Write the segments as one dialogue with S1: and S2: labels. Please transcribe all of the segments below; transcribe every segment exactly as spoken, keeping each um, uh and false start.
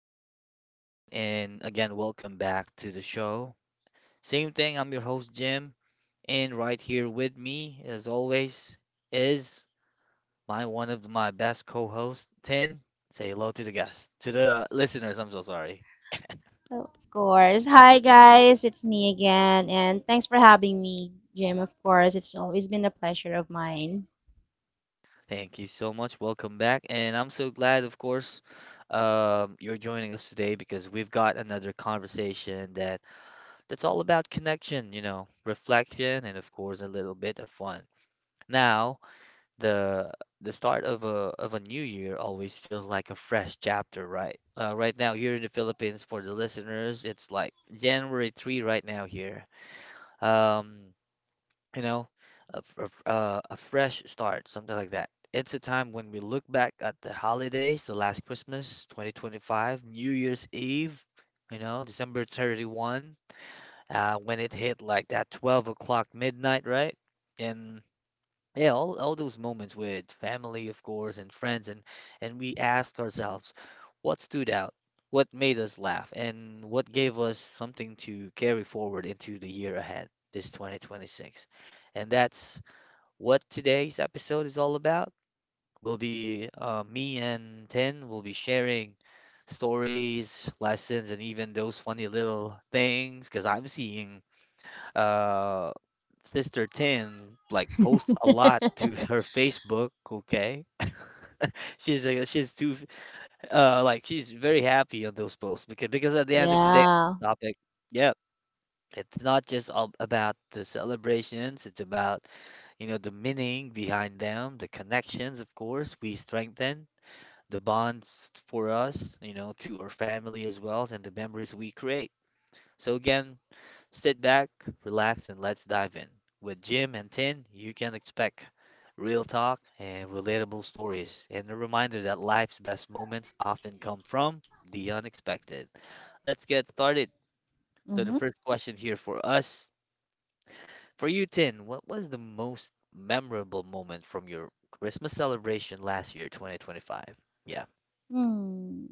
S1: hello everyone, and again, welcome back to the show. Same thing, I'm your host, Jim, and right here with me, as always, is my one of my best co-hosts, Tin. Say hello to the guests, to the listeners. I'm so sorry.
S2: Of course. Hi guys, it's me again, and thanks for having me, Jim. Of course, it's always been a pleasure of mine.
S1: Thank you so much. Welcome back, and I'm so glad, of course, um, you're joining us today because we've got another conversation that that's all about connection, you know, reflection, and of course, a little bit of fun. Now, the the start of a of a new year always feels like a fresh chapter, right? Uh, right now here in the Philippines, for the listeners, it's like January third right now here. Um, you know, a, f- a f- uh, a fresh start, something like that. It's a time when we look back at the holidays, the last Christmas, twenty twenty-five, New Year's Eve, you know, December thirty-first, uh, when it hit like that twelve o'clock midnight, right? And yeah, all, all those moments with family, of course, and friends, and and we asked ourselves what stood out, what made us laugh, and what gave us something to carry forward into the year ahead, this twenty twenty-six. And that's what today's episode is all about. Will be uh, Me and Tin will be sharing stories, lessons, and even those funny little things because I'm seeing, uh Sister Tin like posts a lot to her Facebook, okay? She's uh, she's too, uh like she's very happy on those posts because because at the end of the day
S2: Yeah.
S1: topic, yeah, it's not just all about the celebrations, it's about, you know, the meaning behind them, the connections, of course, we strengthen the bonds for us, you know, to our family as well, and the memories we create. So again, sit back, relax, and let's dive in. With Jim and Tin, you can expect real talk and relatable stories, and a reminder that life's best moments often come from the unexpected. Let's get started. So, the
S2: Mm-hmm.
S1: first question here for us for you, Tin, what was the most memorable moment from your Christmas celebration last year, twenty twenty-five? Yeah.
S2: Hmm.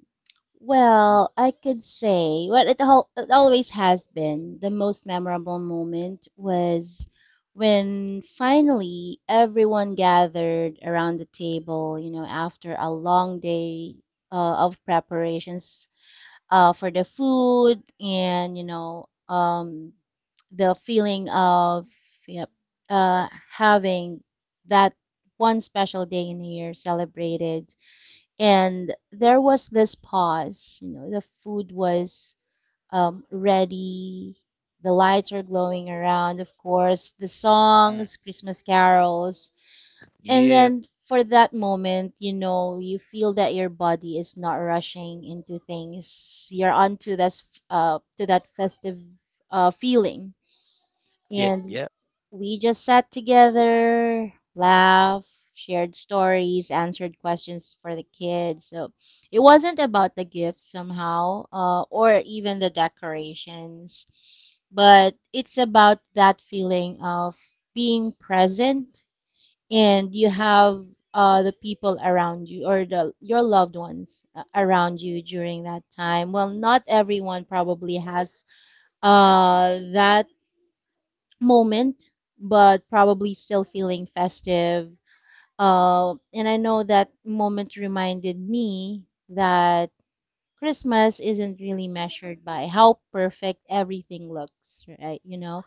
S2: Well, I could say, well, it, al- it always has been. The most memorable moment was when finally everyone gathered around the table, you know, after a long day uh, of preparations uh, for the food, and you know um, the feeling of yep, uh, having that one special day in the year celebrated. And there was this pause. You know, the food was um, ready. The lights were glowing around, of course. The
S1: Mm,
S2: songs, Christmas carols, and
S1: yeah.
S2: then for that moment, you know, you feel that your body is not rushing into things. You're onto this uh to that festive uh feeling.
S1: Yep.
S2: And
S1: Yep.
S2: we just sat together, laughed, shared stories, answered questions for the kids. So it wasn't about the gifts somehow, uh, or even the decorations, but it's about that feeling of being present, and you have uh, the people around you, or the your loved ones uh, around you during that time. Well, not everyone probably has uh, that moment, but probably still feeling festive. Uh, and I know that moment reminded me that Christmas isn't really measured by how perfect everything looks, right? You know,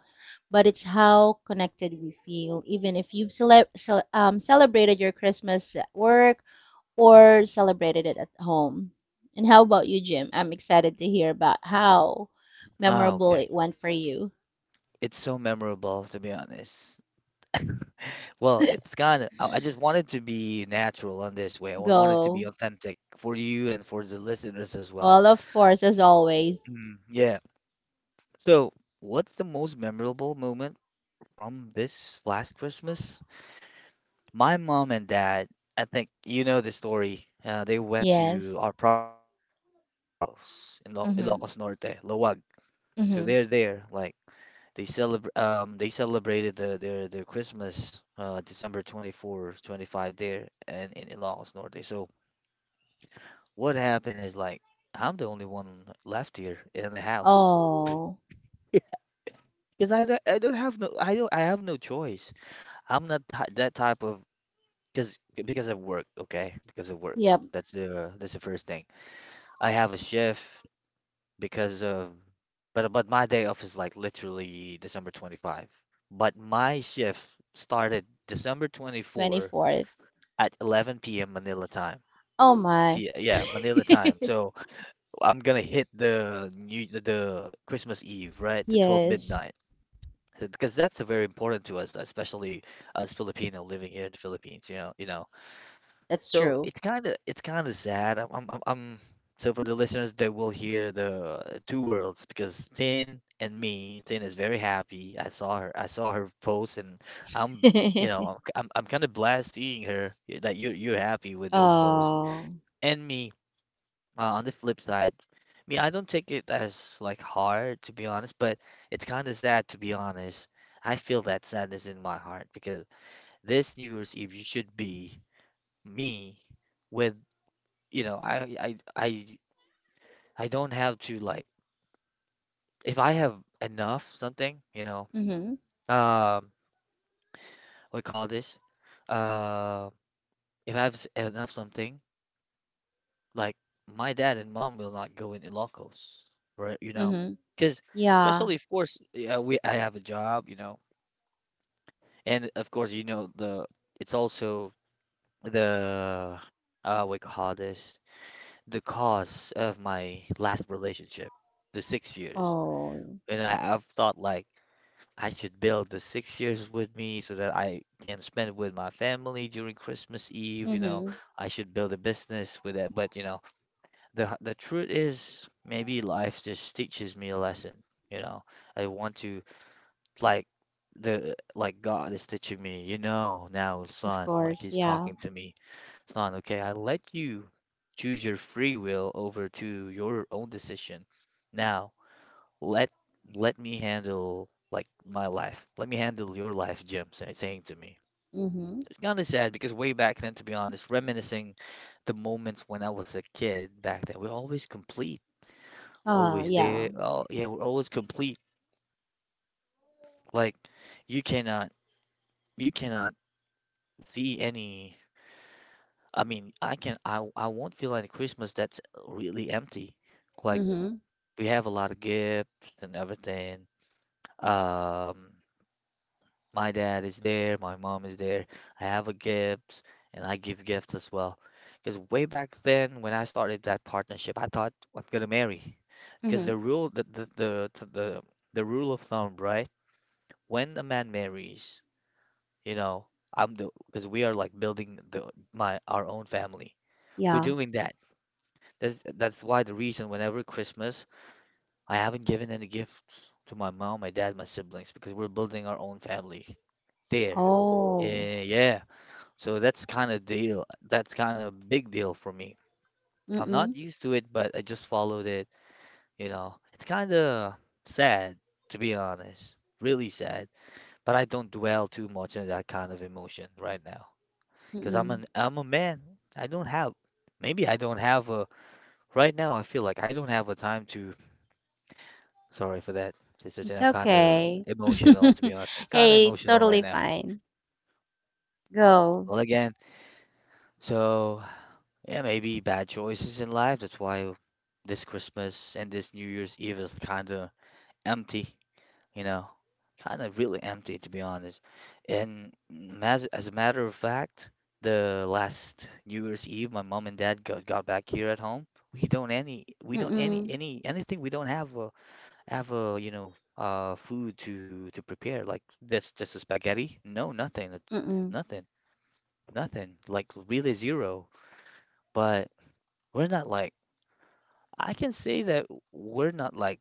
S2: but it's how connected we feel. Even if you've cele- cel- um, celebrated your Christmas at work or celebrated it at home. And how about you, Jim? I'm excited to hear about how
S1: Oh,
S2: memorable
S1: okay.
S2: it went for you.
S1: It's so memorable, to be honest. Well, it's kind of, I I just wanted to be natural on this way. I want it to be
S2: Go.
S1: authentic for you and for the listeners as well.
S2: Well, of course, as always.
S1: Mm, yeah. So, what's the most memorable moment from this last Christmas? My mom and dad, I think you know the story. Uh, they went to
S2: Yes.
S1: our province, right, in Ilocos, in Lo-
S2: Mm-hmm.
S1: Ilocos Norte, Lawag. So
S2: Mm-hmm.
S1: they're there, like they celebrate. Um, they celebrated the, their their Christmas, uh, December twenty-fourth, twenty-five there, and in Ilocos Norte. So what happened is like I'm the only one left here in the house.
S2: Oh.
S1: Yeah. Because I, don't- I don't have no I don't I have no choice. I'm not t that type of because because of work, okay? Because of work.
S2: Yep,
S1: That's the that's the first thing. I have a shift because of but but my day off is like literally December twenty-fifth. But my shift started December twenty-fourth
S2: twenty-fourth.
S1: at eleven p m. Manila time.
S2: Oh my.
S1: P Yeah, Manila time. So I'm gonna hit the new the the Christmas Eve, right? The twelve
S2: Yes,
S1: midnight. Uh, Because that's very important to us, especially as Filipino living here in the Philippines, you know, you know.
S2: that's
S1: So
S2: true.
S1: it's kind of it's kind of sad. I'm, I'm I'm I'm So for the listeners they will hear the two worlds because Tin and me, Tin is very happy. I saw her I saw her post and I'm, you know, I'm I'm kind of blessed seeing her that you you're happy with those posts.
S2: Oh.
S1: And me, uh, on the flip side, I mean, I don't take it as like hard to be honest, but it's kind of sad to be honest. I feel that sadness in my heart because this New Year's Eve you should be me with, you know, I I I I don't have to like if I have enough something, you know,
S2: Mm-hmm.
S1: um, what call this? Uh, if I have s- enough something. Like my dad and mom will not go in Ilocos, right? You know,
S2: Mm-hmm.
S1: because
S2: Yeah.
S1: especially of course, yeah, we I have a job, you know, and of course, you know the it's also the uh we call this the cause of my last relationship, the six years,
S2: Oh.
S1: and I, I've thought like I should build the six years with me so that I can spend it with my family during Christmas Eve, you know.
S2: Mm-hmm.
S1: I should build a business with it, but you know, the the truth is maybe life just teaches me a lesson. You know, I want to, like, the like God is teaching me, you know, now,
S2: Of
S1: "Son," like
S2: course.
S1: he's
S2: Yeah.
S1: talking to me, "Son, okay, I let you choose your free will over to your own decision. Now let, let me handle, like my life, let me handle your life, Jim," say, saying to me.
S2: Mm-hmm.
S1: It's kind of sad because way back then, to be honest, reminiscing the moments when I was a kid back then, we always complete.
S2: Oh,
S1: Always there.
S2: yeah.
S1: All Yeah, we're always complete. Like you cannot you cannot see any, I mean, I can I I won't feel like Christmas that's really empty. Like
S2: Mm-hmm.
S1: we have a lot of gifts and everything. Um my dad is there, my mom is there. I have a gift and I give gifts as well. Because way back then when I started that partnership, I thought I'm gonna marry. Because
S2: Mm-hmm.
S1: the rule the the, the the the the rule of thumb, right? When a man marries, you know, I'm the because we are like building the my our own family. We're
S2: Yeah.
S1: doing that. That's that's why the reason whenever Christmas, I haven't given any gifts to my mom, my dad, my siblings, because we're building our own family there.
S2: Oh.
S1: Eh, yeah. So that's kind of deal. That's kind of big deal for me. I'm not
S2: Mm-mm.
S1: used to it, but I just followed it, you know. It's kind of sad, to be honest. Really sad, but I don't dwell too much on that kind of emotion right now. Because I'm
S2: Mm-mm.
S1: an I'm a man. I don't have, maybe I don't have a, right now I feel like I don't have a time to, sorry for that, Sister Jen.
S2: It's
S1: I'm kinda
S2: okay.
S1: emotional, to be honest. I'm kinda
S2: Hey, it's
S1: emotional right
S2: totally
S1: now.
S2: fine. Go.
S1: Well again, so yeah, maybe bad choices in life. That's why this Christmas and this New Year's Eve is kinda empty. You know, kind of really empty, to be honest. And mm, as as a matter of fact, the last New Year's Eve, my mom and dad got, got back here at home. We don't any we don't any
S2: Mm-mm.
S1: any anything. We don't have a Have a, you know, uh, food to to prepare like this, just a spaghetti. No, nothing, uh,
S2: Mm-mm.
S1: nothing, nothing. Like really zero. But we're not like I can say that we're not like,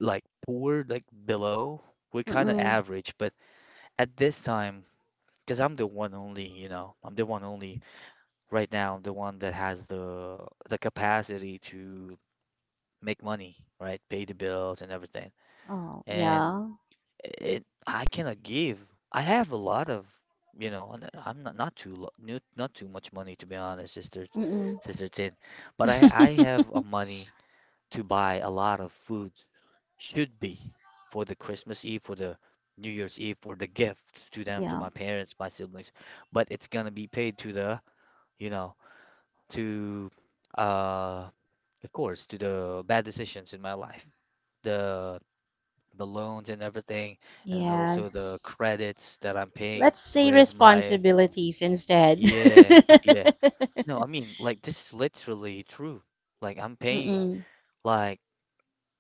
S1: like poor, like below. We're kind of
S2: Mm-mm.
S1: average, but at this time, because I'm the one only, you know, I'm the one only right now. I'm the one that has the the capacity to make money, right? Pay the bills and everything.
S2: Oh,
S1: And
S2: yeah.
S1: it, I cannot give. I have a lot of, you know, and uh, I'm not not too lo- not not too much money, to be honest, sister,
S2: Mm-mm.
S1: sister Tin. But I I have a money to buy a lot of food, should be, for the Christmas Eve, for the New Year's Eve, for the gifts to them, to
S2: Yeah.
S1: my parents, my siblings. But it's gonna be paid to the, you know, to, uh of course, to the bad decisions in my life. The the loans and everything, and also the
S2: Yes.
S1: credits that I'm paying
S2: Let's say
S1: with my,
S2: responsibilities instead.
S1: yeah, yeah. No, I mean, like this is literally true. Like I'm paying,
S2: Mm-mm.
S1: like,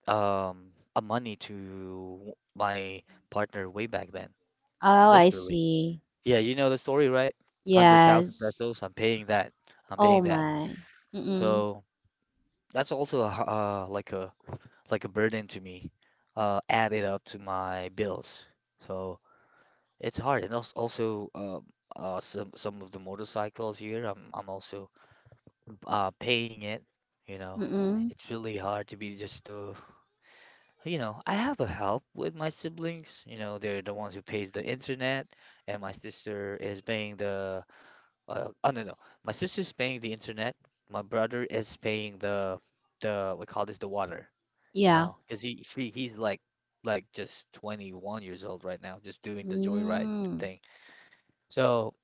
S1: um a money to my partner way back then.
S2: Oh, I
S1: Literally.
S2: see.
S1: Yeah, you know the story, right? one hundred thousand pesos,
S2: Yes.
S1: I'm paying that. I'm
S2: Oh
S1: paying that.
S2: my. Mm-mm.
S1: So that's also a, h- uh, like a, like a burden to me, uh, added up to my bills. So it's hard. And also, also um uh, some some of the motorcycles here, I'm I'm also, uh, paying it. You know,
S2: Mm-mm.
S1: it's really hard to be just to, you know, I have a help with my siblings. You know, they're the ones who pays the internet, and my sister is paying the, Uh, oh no, no. My sister's paying the internet. My brother is paying the, the we call this the water, you
S2: Yeah.
S1: know, because he she he's like like just twenty-one years old right now, just doing the joyride
S2: Mm.
S1: thing. So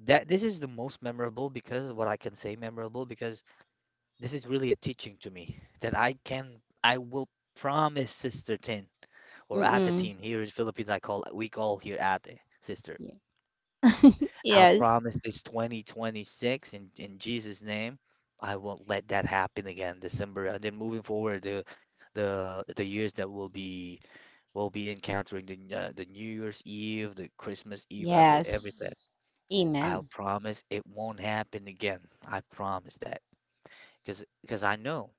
S1: that this is the most memorable, because what I can say memorable, because this is really a teaching to me that I can I will promise Sister Tin or Ate
S2: Mm-mm.
S1: Tin. Here in Philippines I call we call here Ate sister.
S2: Yeah.
S1: I'll
S2: Yes.
S1: promise this twenty twenty-six, in, in Jesus' name, I won't let that happen again, December. And then, moving forward, the the the years that we'll be we'll be encountering, the uh, the New Year's Eve, the Christmas Eve, ev- everything.
S2: Yes.
S1: I'll
S2: Amen.
S1: promise it won't happen again. I promise that, because because I know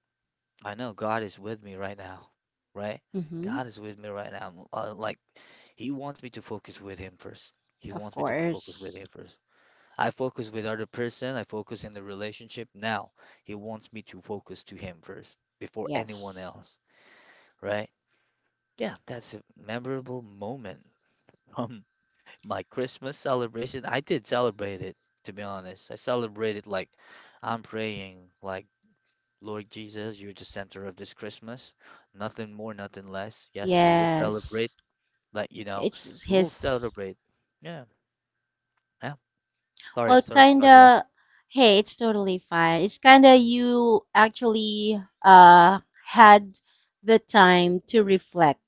S1: I know God is with me right now, right?
S2: Mm-hmm.
S1: God is with me right now. Uh, like, he wants me to focus with him first. He
S2: Of
S1: wants me to focus with
S2: course.
S1: him first. I focus with other person, I focus in the relationship. Now he wants me to focus to him first before anyone
S2: Yes.
S1: else, right? Yeah, that's a memorable moment from my Christmas celebration. I did celebrate it, to be honest. I celebrated like I'm praying, like, Lord Jesus, you're the center of this Christmas. Nothing more, nothing less. Yes, we will celebrate,
S2: Yes.
S1: like, you know,
S2: It's
S1: we will
S2: his,
S1: celebrate. Yeah. Yeah. Sorry,
S2: well,
S1: sorry to cut you off.
S2: kinda, hey, it's totally fine. It's kinda
S1: Mm,
S2: you actually uh had the time to reflect.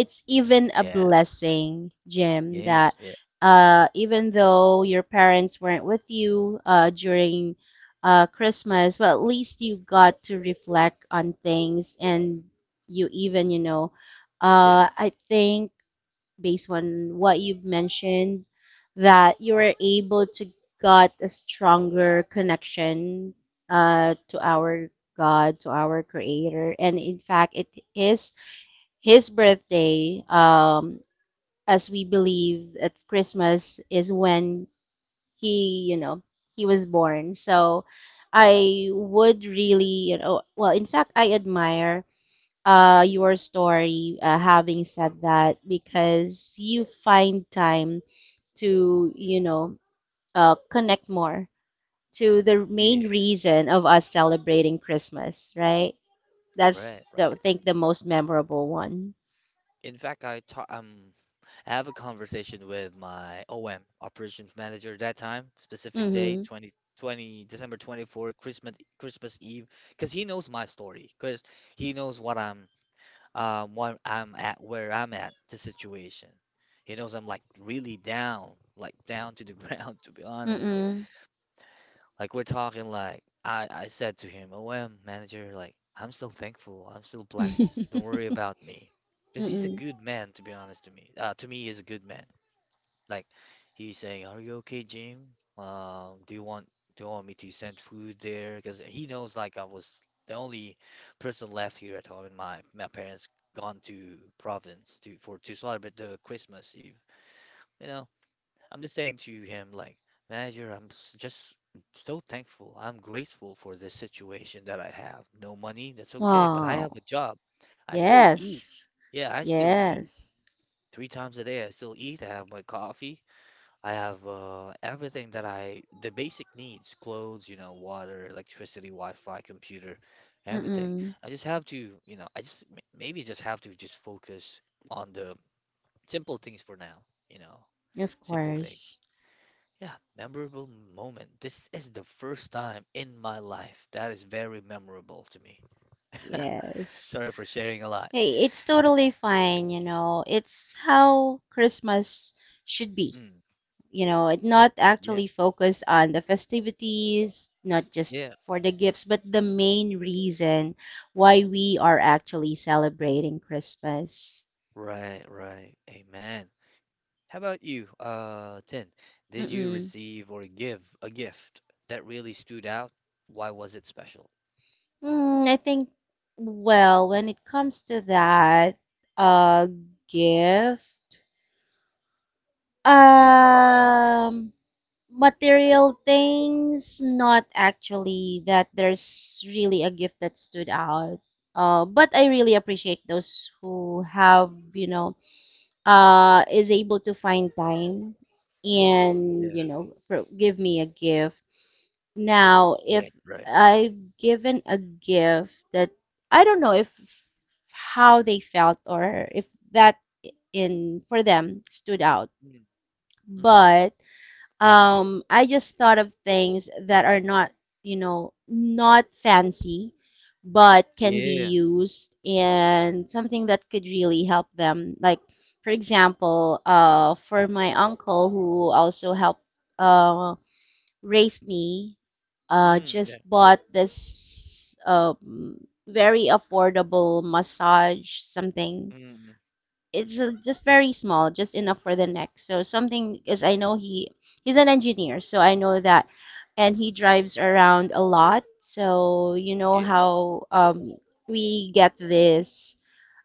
S2: It's even a
S1: yeah.
S2: blessing, Jim, that
S1: Yes. Yeah.
S2: uh, even though your parents weren't with you uh, during uh, Christmas, well, at least you got to reflect on things, and you even, you know,
S1: Yeah.
S2: uh, I think based on what you've mentioned, that you were able to got a stronger connection uh, to our God, to our Creator. And in fact, it is his birthday, um, as we believe it's Christmas, is when he, you know, he was born. So I would really, you know, well, in fact, I admire uh, your story, uh, having said that, because you find time to, you know, uh, connect more to the main
S1: Yeah.
S2: reason of us celebrating Christmas, right?
S1: Right,
S2: That's the, I
S1: right.
S2: think the most memorable one.
S1: In fact, I ta um, I have a conversation with my O M, operations manager, that time, specific day,
S2: Mm-hmm.
S1: twenty twenty December twenty fourth, Christmas Christmas Eve, because he knows my story, because he knows what I'm um what I'm at, where I'm at, the situation. He knows I'm like really down, like down to the ground, to be honest.
S2: Mm-mm.
S1: Like, we're talking like, I I said to him, "O M manager, like I'm still thankful. I'm still blessed. Don't
S2: Mm-mm.
S1: worry about me." Because he's a good man, to be honest, to me. Uh, to me, he's a good man. Like, he's saying, "Are you okay, Jim? Um, do you want, do you want me to send food there?" Because he knows, like, I was the only person left here at home, and my my parents gone to province to for to celebrate the Christmas Eve. You know. I'm just saying to him, like, manager, I'm s- just so thankful. I'm grateful for this situation that I have. No money, that's okay, but I have a
S2: Oh,
S1: job. I still eat.
S2: yes.
S1: Yeah, I still eat.
S2: Yes.
S1: Three times a day, I still eat. I have my coffee. I have uh, everything that I, the basic needs, clothes, you know, water, electricity, Wi-Fi, computer, everything.
S2: Mm-mm.
S1: I just have to, you know, I just m- maybe just have to just focus on the simple things for now, you know,
S2: Of
S1: simple things.
S2: course.
S1: Yeah, memorable moment. This is the first time in my life that is very memorable to me.
S2: Yes.
S1: Sorry for sharing a lot.
S2: Hey, it's totally fine, you know. It's how Christmas should be.
S1: Mm,
S2: You know, it not
S1: yeah,
S2: actually focused on the festivities, not just
S1: yeah.
S2: for the gifts, but the main reason why we are actually celebrating Christmas.
S1: Right, right. Amen. How about you, uh, Tin? Did you
S2: Mm-mm.
S1: receive or give a gift that really stood out? Why was it special?
S2: Mm, I think, well, when it comes to that, uh, gift,
S1: Mm,
S2: um, material things, not actually that there's really a gift that stood out. Uh, but I really appreciate those who have, you know, uh, is able to find time
S1: mm,
S2: and,
S1: yeah,
S2: you know, pro- give me a gift. Now, if
S1: right, right.
S2: I've given a gift that I don't know if how they felt, or if that in for them stood out,
S1: Mm, mm-hmm.
S2: but um, I just thought of things that are not, you know, not fancy, but can be
S1: Yeah.
S2: used, and something that could really help them. Like, for example, uh, for my uncle who also helped uh, raise me, uh,
S1: Mm,
S2: just
S1: yeah, yeah.
S2: bought this um, very affordable massage something.
S1: Mm,
S2: It's uh, just very small, just enough for the neck. So something, because I know he he's an engineer, so I know that, and he drives around a lot. So you know
S1: yeah,
S2: how um, we get this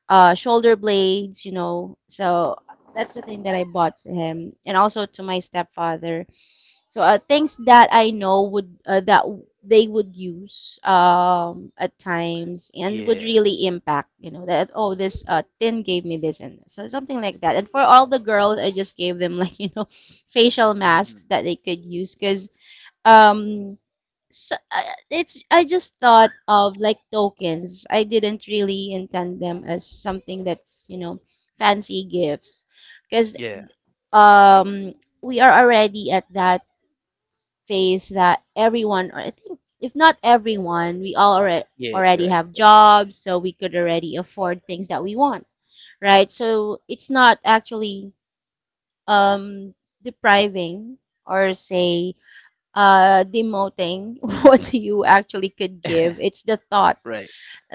S2: uh, shoulder blades, you know. So that's the thing that I bought to him, and also to my stepfather. So uh, things that I know would uh, that w- they would use um, at times and would
S1: yeah.
S2: really impact, you know, that oh this uh, tin gave me this and this. So something like that. And for all the girls, I just gave them like you know facial masks
S1: Mm,
S2: that they could use because um so, uh, it's I just thought of like tokens. I didn't really intend them as something that's, you know, fancy gifts, because
S1: yeah,
S2: um we are already at that phase that everyone, or I think if not everyone, we all already
S1: yeah, you're
S2: already
S1: right,
S2: have jobs, so we could already afford things that we want, right? So it's not actually um, depriving, or say uh, demoting what you actually could
S1: right.
S2: give. It's the thought
S1: Right.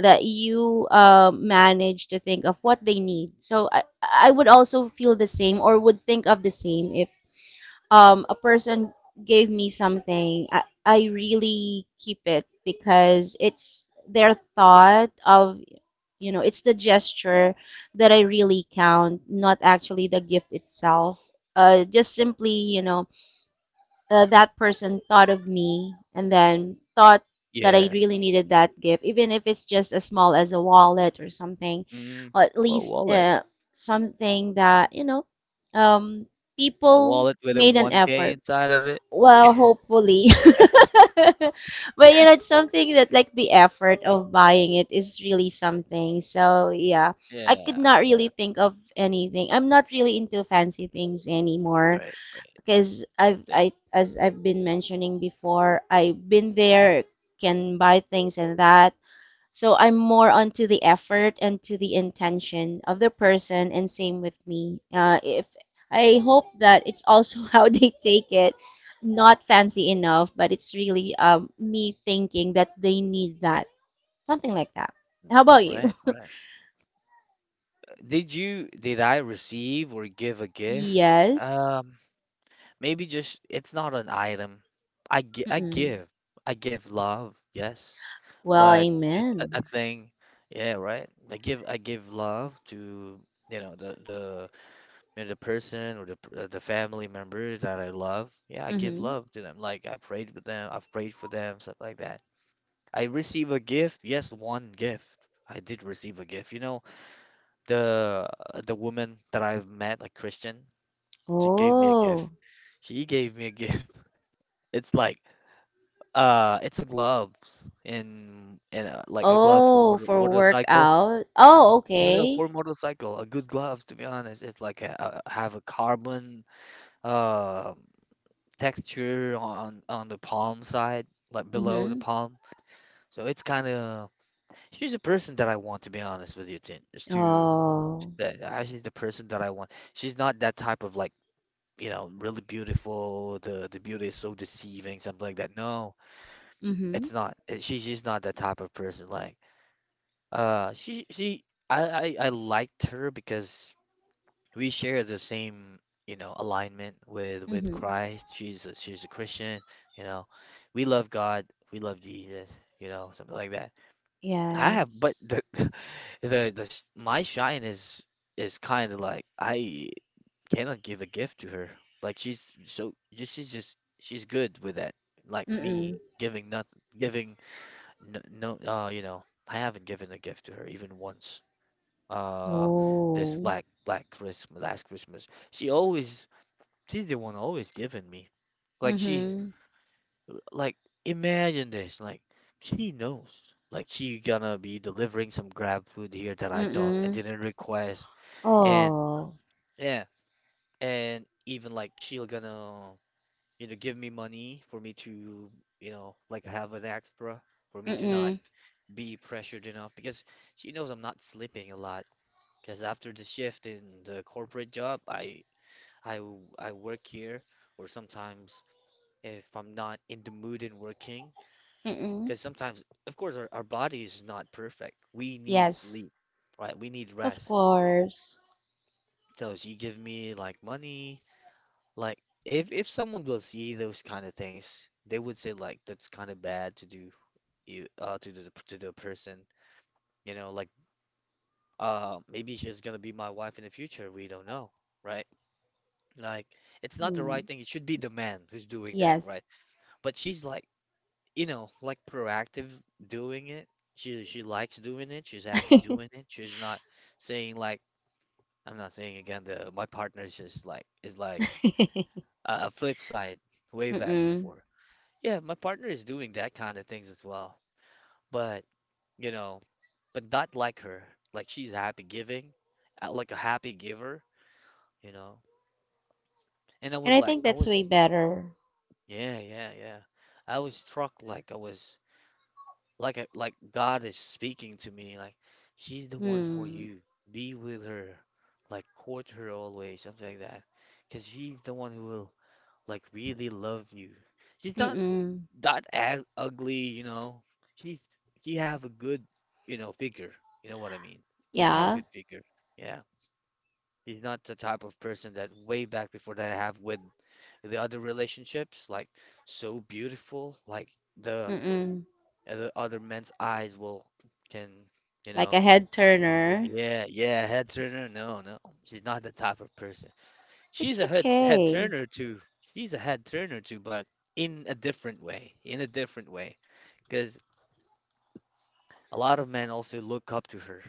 S2: that you uh, manage to think of what they need. So I, I would also feel the same, or would think of the same, if um a person gave me something, I, I really keep it because it's their thought of, you know, it's the gesture that I really count, not actually the gift itself. Uh, just simply, you know, uh, that person thought of me, and then thought that I
S1: Yeah.
S2: really needed that gift, even if it's just as small as a wallet or something,
S1: Mm.
S2: or at
S1: What
S2: least
S1: wallet?
S2: uh, something that, you know, um,
S1: A
S2: people
S1: wallet with a
S2: made an
S1: one k
S2: effort.
S1: inside of it?
S2: Well, hopefully. But you know, it's something that like the effort of buying it is really something. So yeah, I could
S1: Yeah,
S2: not really
S1: yeah.
S2: think of anything. I'm not really into fancy things anymore
S1: Right, right.
S2: because
S1: Same
S2: I've
S1: thing.
S2: I as I've been mentioning before, I've been there, can buy things and that. So I'm more onto the effort and to the intention of the person, and same with me. Uh, if I hope that it's also how they take it, not fancy enough, but it's really um, me thinking that they need that, something like that. How about you?
S1: Right, right. Uh, Did you did I receive or give a gift?
S2: Yes.
S1: Um, Maybe, just it's not an item. I gi- I
S2: Mm-mm.
S1: give. I give love, yes,
S2: Well,
S1: but just a, a
S2: amen.
S1: thing. Yeah, right. I give I give love to, you know, the the and the person, or the uh, the family member that I love, yeah, I give
S2: Mm-hmm.
S1: love to them. Like, I prayed with them, I've prayed for them, stuff like that. I receive a gift, yes, one gift. I did receive a gift. You know, the uh, the woman that I've met, a Christian, she gave me a gift.
S2: Oh.
S1: She gave me a gift. It's like uh, it's a gloves and and uh, like a glove for
S2: Oh,
S1: motor
S2: for
S1: motorcycle.
S2: workout. Oh,
S1: No, no,
S2: okay.
S1: for motorcycle, a good glove. To be honest, it's like a, a have a carbon. Um, Texture on on the palm side, like below the
S2: Mm-hmm.
S1: palm. So it's kind of, she's a person that I want, to be honest with you, Tin. Just to
S2: Oh.
S1: that, uh, she's the person that I want. She's not that type of, like, you know, really beautiful. The the beauty is so deceiving, something like that. No,
S2: Mm-hmm.
S1: it's not. Uh, She she's not that type of person. Like, uh, she she I I, I liked her because we share the same, you know, alignment with with
S2: Mm-hmm.
S1: Christ. She's a, she's a Christian, you know. We love God, we love Jesus, you know, something like that. I have, but
S2: Yes.
S1: the the, the sh- my shine is is kind of like, I cannot give a gift to her. Like, she's so she's just she's good with that. Like, me
S2: Mm-mm.
S1: giving nothing, giving no, no, uh you know, I haven't given a gift to her even once. Uh this
S2: Oh.
S1: like like Christmas, last Christmas. She always she's the one always giving me. Like she's,
S2: Mm-hmm.
S1: like, imagine this, like she knows. Like she gonna be delivering some grab food here that I don't I
S2: Mm-mm.
S1: didn't request. And
S2: Oh.
S1: yeah, and even like she'll gonna, you know, give me money for me to, you know, like have an extra, for me to not
S2: Mm-mm.
S1: be pressured enough, because she knows I'm not sleeping a lot, because after the shift in the corporate job, I I w- I work here, or sometimes, if I'm not in the mood in working,
S2: Mm-mm.
S1: because sometimes, of course, our, our body is not perfect. We need
S2: Yes.
S1: sleep, right? We need
S2: Of
S1: rest.
S2: course.
S1: So if you give me like money, like, if if someone will see those kind of things, they would say like that's kind of bad to do you, uh to the to the person, you know, like, uh maybe she's gonna be my wife in the future. We don't know, right? Like it's not the
S2: Mm.
S1: right thing. It should be the man who's doing that,
S2: Yes.
S1: right? But she's like, you know, like proactive doing it. She she likes doing it. She's happy doing it. She's not saying like, I'm not saying again, the my partner is just like, is like
S2: Mm-mm.
S1: a, a flip side, way back
S2: And
S1: before. Yeah, my partner is doing that kind of things as well. But, you know, but not like her. Like, she's happy giving, uh, like a happy giver, you know. And I was
S2: I
S1: like,
S2: think
S1: I
S2: that's
S1: was,
S2: way better.
S1: yeah, yeah, yeah. I was struck, like I was like a, like God is speaking to me, like, "She's the one for
S2: Mm.
S1: you, be with her, like court her always," something like that, because she's the one who will, like, really love you. She's not
S2: Mm-mm.
S1: that ag- ugly, you know. She's she have a good, you know, figure, you know what I mean, she have a
S2: Yeah.
S1: good figure, yeah. She's not the type of person that way back before that I have with the other relationships, like so beautiful, like the
S2: Mm-mm.
S1: other other men's eyes will, can, you
S2: Like a
S1: know.
S2: head turner.
S1: Yeah, yeah, head turner. No, no, she's not the type of person. She's
S2: It's
S1: a head head
S2: okay.
S1: turner too. She's a head turner too, but in a different way, in a different way because a lot of men also look up to her.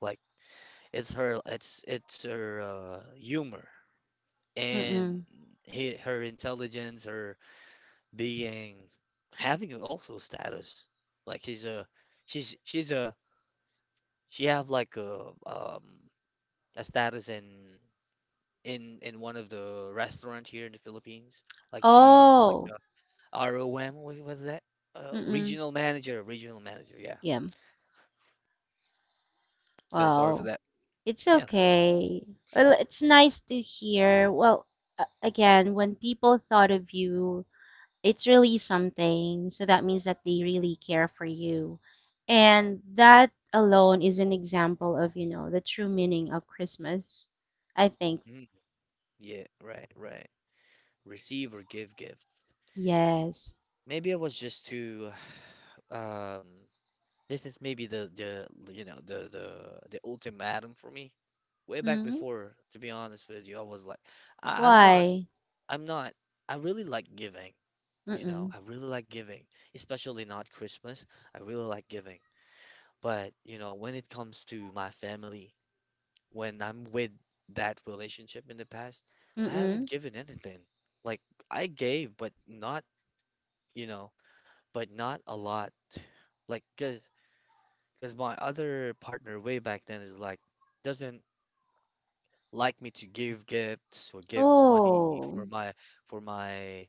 S1: Like, it's her, it's it's her uh, humor and,
S2: Mm-mm.
S1: he, her intelligence, her being, having also status. Like she's a she's she's a she have, like, a um a status in in in one of the restaurant here in the Philippines. Like she's like
S2: Oh.
S1: a R O M. What was that? Uh,
S2: Mm-mm.
S1: regional manager. Regional manager. Yeah.
S2: Yeah.
S1: So sorry for
S2: Wow.
S1: that.
S2: It's
S1: Yeah.
S2: okay. Well, it's nice to hear. Well, a- again, when people thought of you, it's really something. So that means that they really care for you. And that alone is an example of, you know, the true meaning of Christmas. I think.
S1: Mm, yeah. Right. Right. Receive or give gift.
S2: Yes.
S1: Maybe I was just too. Um. This is maybe the the you know the the the ultimatum for me. Way back
S2: Hmm.
S1: before, to be honest with you, I was like, I, I'm not.
S2: Why?
S1: I'm not. I really like giving. You know,
S2: Mm-mm.
S1: I really like giving, especially not Christmas. I really like giving. But, you know, when it comes to my family, when I'm with that relationship in the past, I haven't
S2: Mm-mm.
S1: given anything. Like, I gave, but not, you know, but not a lot. Like, cause, cause my other partner way back then is like, doesn't like me to give gifts or give money
S2: Oh,
S1: for my, for my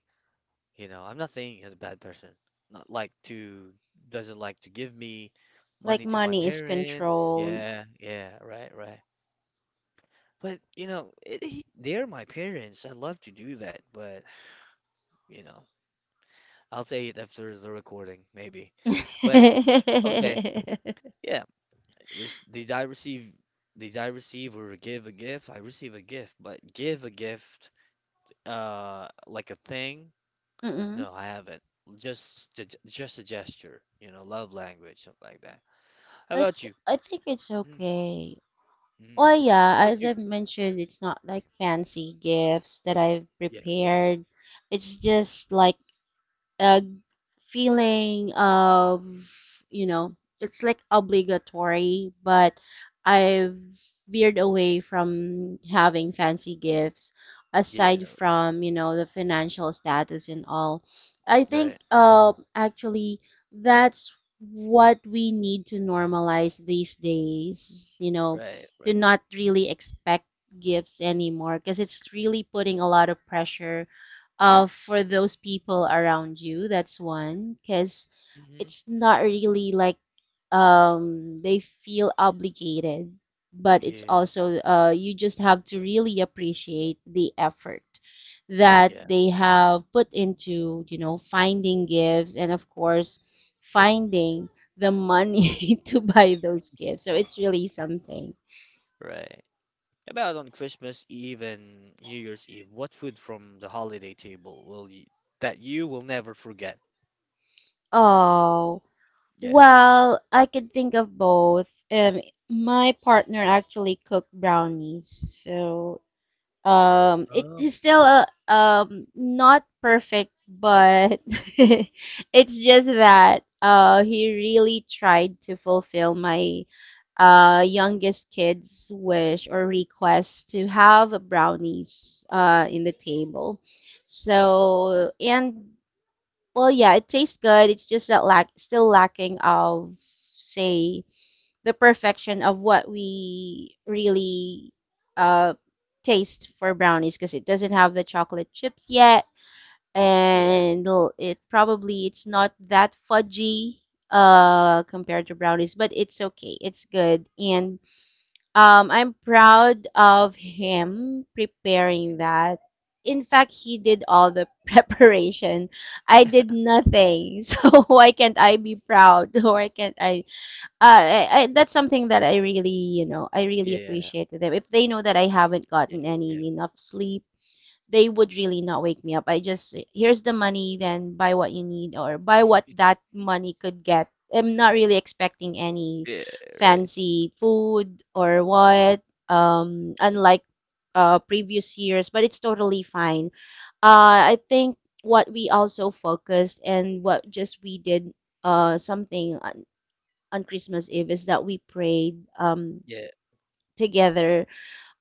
S1: you know, I'm not saying he's a bad person. Not like to, doesn't like to give me
S2: like
S1: money to my
S2: money is
S1: parents.
S2: controlled.
S1: Yeah, yeah, right, right. But you know, it, he, they're my parents. I would love to do that, but, you know, I'll say it after the recording, maybe. But okay, yeah. Re Did I receive? Did I receive or give a gift? I receive a gift, but give a gift, uh, like a thing.
S2: Mm-mm.
S1: No, I haven't. Just the- just a gesture, you know, love language, something like that. How about
S2: It's,
S1: you?
S2: I think it's
S1: Mm,
S2: okay.
S1: mm.
S2: Well,
S1: How
S2: yeah,
S1: about
S2: as
S1: you?
S2: I've mentioned, it's not like fancy gifts that I've
S1: Yeah,
S2: prepared. It's just like uh, feeling of, you know, it's like obligatory, but I've veered away from having fancy gifts, aside
S1: yeah,
S2: from, you know, the financial status and all. I think
S1: right, right,
S2: uh, actually that's what we need to normalize these days, you know,
S1: right, right.
S2: to not really expect gifts anymore, because it's really putting a lot of pressure uh, for those people around you. That's one, because
S1: Hmm.
S2: it's not really like um, they feel obligated, but it's
S1: Yeah,
S2: also uh, you just have to really appreciate the effort that
S1: yeah,
S2: they have put into, you know, finding gifts, and of course finding the money to buy those gifts. So it's really something.
S1: right. How about on Christmas Eve and New Year's Eve? What food from the holiday table will you, that you will never forget?
S2: Oh,
S1: Yeah.
S2: well, I could think of both. Um, my partner actually cooked brownies, so um, it
S1: Oh.
S2: is still a, um not perfect, but it's just that uh he really tried to fulfill my uh youngest kid's wish or request to have brownies uh in the table. So and well, yeah, it tastes good. It's just that lack still lacking of say the perfection of what we really uh taste for brownies, because it doesn't have the chocolate chips yet,
S1: Yeah.
S2: and l- it probably it's not that fudgy uh compared to brownies, but it's okay. It's good, and um, I'm proud of him preparing
S1: Hmm.
S2: that. In fact, he did all the preparation. I did nothing. So why can't I be proud? Why can't I? Uh, I, I that's something that I really, you know, I really
S1: Yeah.
S2: appreciate with them. If they know that I haven't
S1: Yeah.
S2: gotten any
S1: Yeah.
S2: enough sleep, they would really not wake me up. I just here's the money, then buy what you need, or buy what that money could get. I'm not really expecting any
S1: Yeah. Right.
S2: fancy food or what, um, unlike uh, previous years, but it's totally fine. Uh, I think what we also focused and what just we did uh, something on, on Christmas Eve is that we prayed um,
S1: Yeah.
S2: together,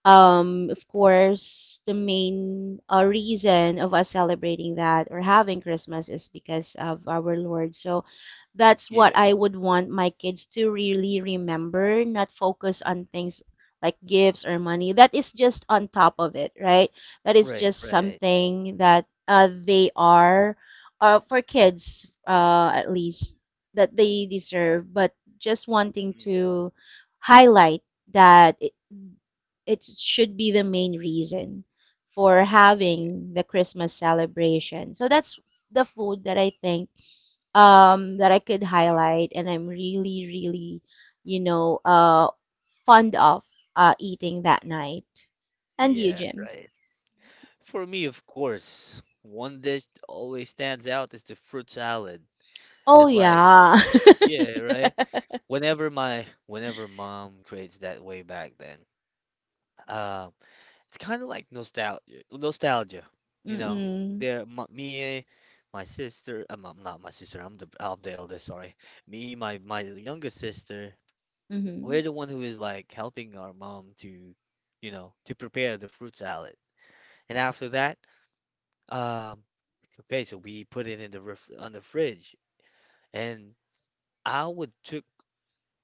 S2: um, of course, the main uh, reason of us celebrating that or having Christmas is because of our Lord. So that's what
S1: Yeah.
S2: I would want my kids to really remember, not focus
S1: Mhm.
S2: on things like gifts or money. That is just on top of it, right? That is
S1: Right.
S2: just
S1: Right.
S2: something that uh, they are, uh, for kids uh, at least, that they deserve, but just wanting
S1: Hmm.
S2: to highlight that i- it should be the main reason for
S1: Yeah.
S2: having the Christmas celebration. So that's the food that I think um, that I could highlight, and I'm really, really, you know, uh, fond of uh, eating that night. And you,
S1: Yeah.
S2: Jim?
S1: Right. For me, of course, one dish that always stands out is the fruit salad.
S2: Oh,
S1: It's like,
S2: yeah.
S1: yeah, right? Whenever my whenever mom creates that way back then, um, it's kind of like nostalgia, nostalgia, you know?
S2: Mm-mm.
S1: There, my, me, my sister, I'm, I'm not my sister. I'm the I'm the eldest. Sorry, me, my my youngest sister.
S2: Mm-hmm.
S1: We're the one who is like helping our mom to, you know, to prepare the fruit salad. And after that, Um, okay, so we put it in the ref on the fridge, and I would took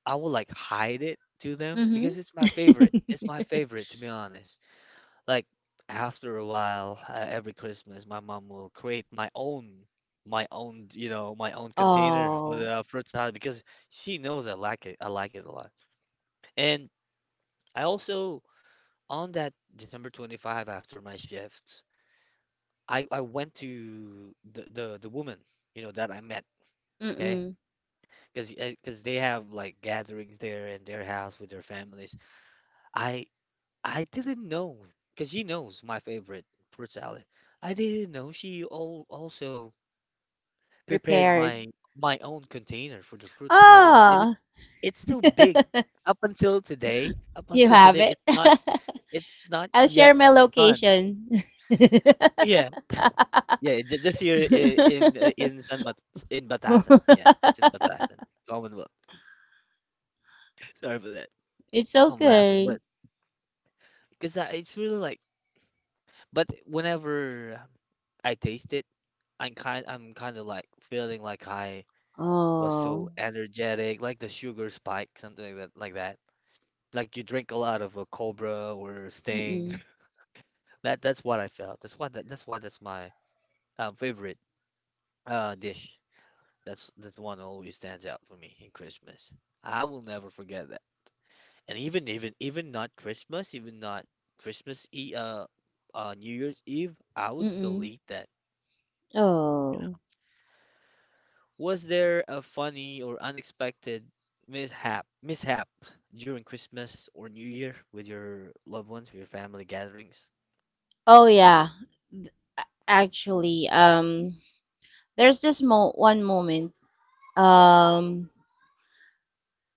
S1: I would like hide it to them
S2: Mm-hmm.
S1: because it's my favorite. It's my favorite, to be honest. Like after a while, uh, every Christmas, my mom will create my own my own you know my own container for
S2: Oh.
S1: the uh, fruit salad because she knows I like it. I like it a lot, and I also on that December twenty-fifth after my shifts, I I went to the the the woman you know that I met. Okay.
S2: Mm-mm.
S1: because because they have like gatherings there in their house with their families. I I didn't know because she knows my favorite fruit salad. I didn't know she all also prepared
S2: Prepared.
S1: my my own container for the fruit salad, and and it
S2: Ah.
S1: it's still big up until today. Up
S2: You
S1: until today,
S2: have it.
S1: it's not it's not
S2: I'll
S1: yet
S2: share my
S1: done.
S2: location.
S1: Yeah.
S2: it's
S1: Yeah, ju- just here i- in uh, in San Mat in Batasan. Yeah, just in Batasan, Commonwealth. Sorry for that. I'm laughing, but
S2: okay.
S1: because it's really like but whenever I taste it, I'm kind I'm kind of like feeling like I was
S2: Oh.
S1: so energetic, like the sugar spike, something like that, like that. Like you drink a lot of uh, Cobra or Sting.
S2: Mm-mm.
S1: That that's what I felt. That's why that, that's why that's my uh, favorite uh dish. That's that's one that always stands out for me in Christmas. I will never forget that. And even even even not Christmas, even not Christmas e uh uh New Year's Eve, I would still
S2: Mm-mm.
S1: eat that.
S2: Oh.
S1: Was there a funny or unexpected mishap mishap during Christmas or New Year with your loved ones, with your family gatherings?
S2: Oh, yeah. Th- a-
S1: Mhm.
S2: Actually, um there's this mo one moment. Um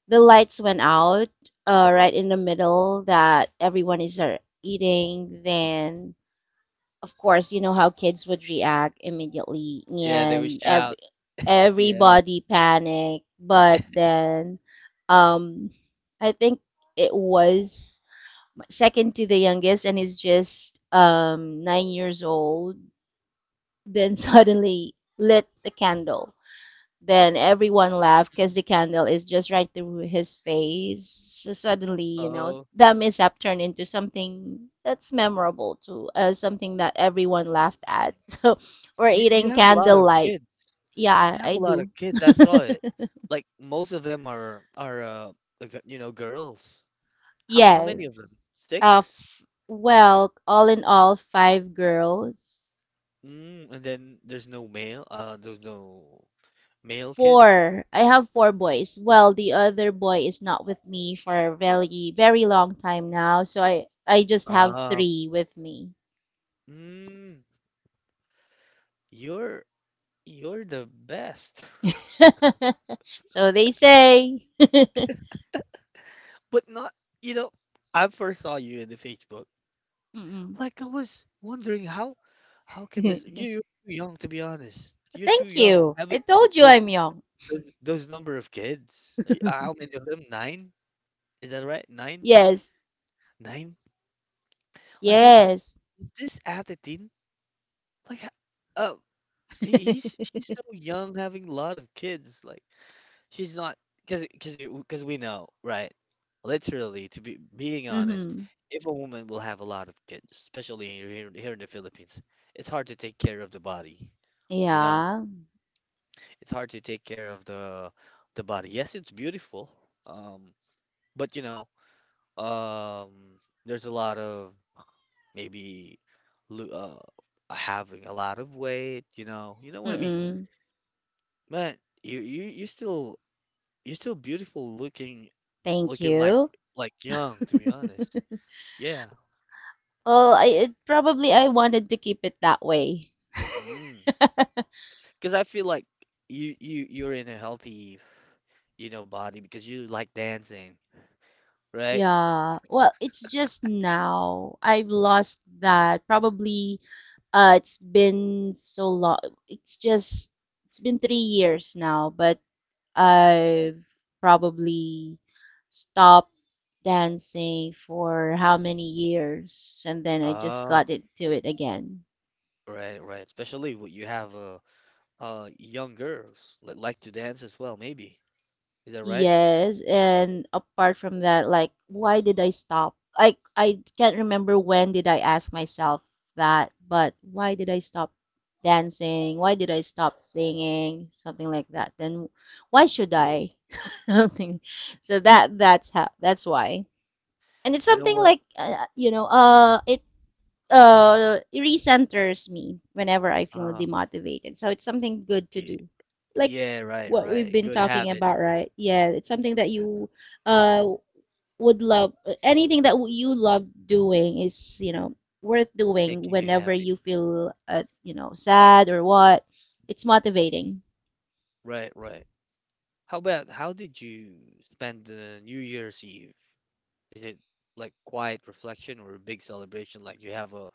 S2: the lights went out uh right in the middle that everyone is uh, eating, then of course, you know how kids would react immediately,
S1: Yeah, they would
S2: and every
S1: shout, yell.
S2: everybody panicked. But then, um, I think it was second to the youngest, and he's just um nine years old. Then suddenly lit the candle, then everyone laughed because the candle is just right through his face. So suddenly, you know,
S1: Oh.
S2: that mishap turned into something that's memorable too, uh, something that everyone laughed
S1: Mm.
S2: at. So we're
S1: you
S2: eating
S1: you have a lot of
S2: candlelight.
S1: kids.
S2: Yeah,
S1: You have
S2: I
S1: a lot of
S2: do.
S1: kids. I saw it. Like most of them are are uh ex- you know girls. How how many of them?
S2: Yes. Uh,
S1: Six?
S2: f Well, all in all, five girls.
S1: Mm, and then there's no male. Uh, there's no male kid.
S2: Four. I have four boys. Well, the other boy is not with me for a very, very long time now, so I I just have
S1: Ah,
S2: three with me.
S1: mm, you're you're the best.
S2: So they say.
S1: But not, you know, I first saw you in the Facebook.
S2: Mm-mm.
S1: Like I was wondering how how can this you- you're too young, to be honest. You're too
S2: Thank
S1: young.
S2: you. I
S1: Having those
S2: told you
S1: those,
S2: I'm young.
S1: those those number of kids. Like, uh, how many of them? Nine? Is that right? Nine?
S2: Yes.
S1: Nine? Like I said,
S2: Yes.
S1: is this attitude? Like uh he- he's he's so young having a lot of kids. Like she's not because because because we know, right? Literally, to be being honest,
S2: Mm-hmm.
S1: if a woman will have a lot of kids, especially here here in the Philippines, it's hard to take care of the body. You know,
S2: Yeah.
S1: it's hard to take care of the the body. Yes, it's beautiful, um, but you know, um, there's a lot of maybe lo- uh having a lot of weight. You know, you know what I mean.
S2: Mm-mm.
S1: But you you you still You're still beautiful looking,
S2: Thank
S1: looking like
S2: you.
S1: like young, to be honest. Yeah.
S2: Well, I it, probably I wanted to keep it that way.
S1: Mm. Because I feel like you you you're in a healthy, you know, body because you like dancing, right?
S2: Yeah, well, it's just now. I've lost that. Probably, uh, it's been so long. It's just, it's been three years now, but I've probably stopped dancing for how many years, and then I just
S1: Oh,
S2: got into it again.
S1: right, right. Especially when you have uh uh young girls that like to dance as well, maybe. Is that right?
S2: Yes, and apart from that, like, why did I stop? I I can't remember when did I ask myself that, but why did I stop dancing? Why did I stop singing? Something like that. Then why should
S1: Yeah.
S2: I? Something. So that that's how that's why. And it's
S1: You know
S2: something
S1: what?
S2: like uh, you know, uh, it uh recenters me whenever I feel
S1: Uh,
S2: demotivated. So it's something good to
S1: yeah,
S2: do. Like
S1: yeah, right,
S2: what we've
S1: right.
S2: been
S1: Good
S2: talking
S1: habit,
S2: about, right? Yeah, it's something that you uh would love. Anything that you love doing is, you know, worth doing
S1: making you
S2: whenever
S1: happy.
S2: you feel uh, you know, sad or what. It's
S1: Mm-hmm.
S2: motivating.
S1: Right, right. How about how did you spend the New Year's Eve? Is it like quiet reflection or a big celebration? Like you have a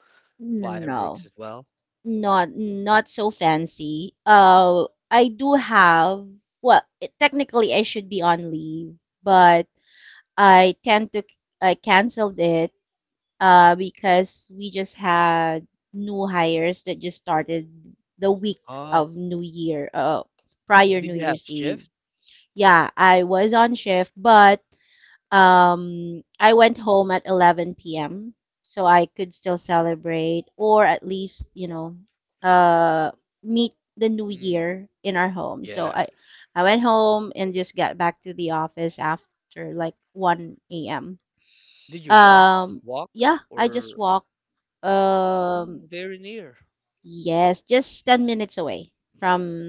S1: fireworks
S2: No.
S1: as well?
S2: Not not so fancy. Uh, I do have, well, it, technically I should be on leave, but I tend to, I canceled it uh, because we just had new hires that just started the week
S1: Oh,
S2: of New Year, uh, prior
S1: did
S2: New
S1: you have
S2: Year's Eve.
S1: shift?
S2: Yeah, I was on shift, but um, I went home at eleven p m so I could still celebrate, or at least, you know, uh, meet the new
S1: Mm,
S2: year in our home. So
S1: yeah.
S2: I I went home and just got back to the office after like one a m.
S1: Did you walk? Just
S2: Um,
S1: walk?
S2: yeah, I
S1: Or
S2: just walk.
S1: oh,
S2: Um,
S1: very near,
S2: yes, just ten minutes away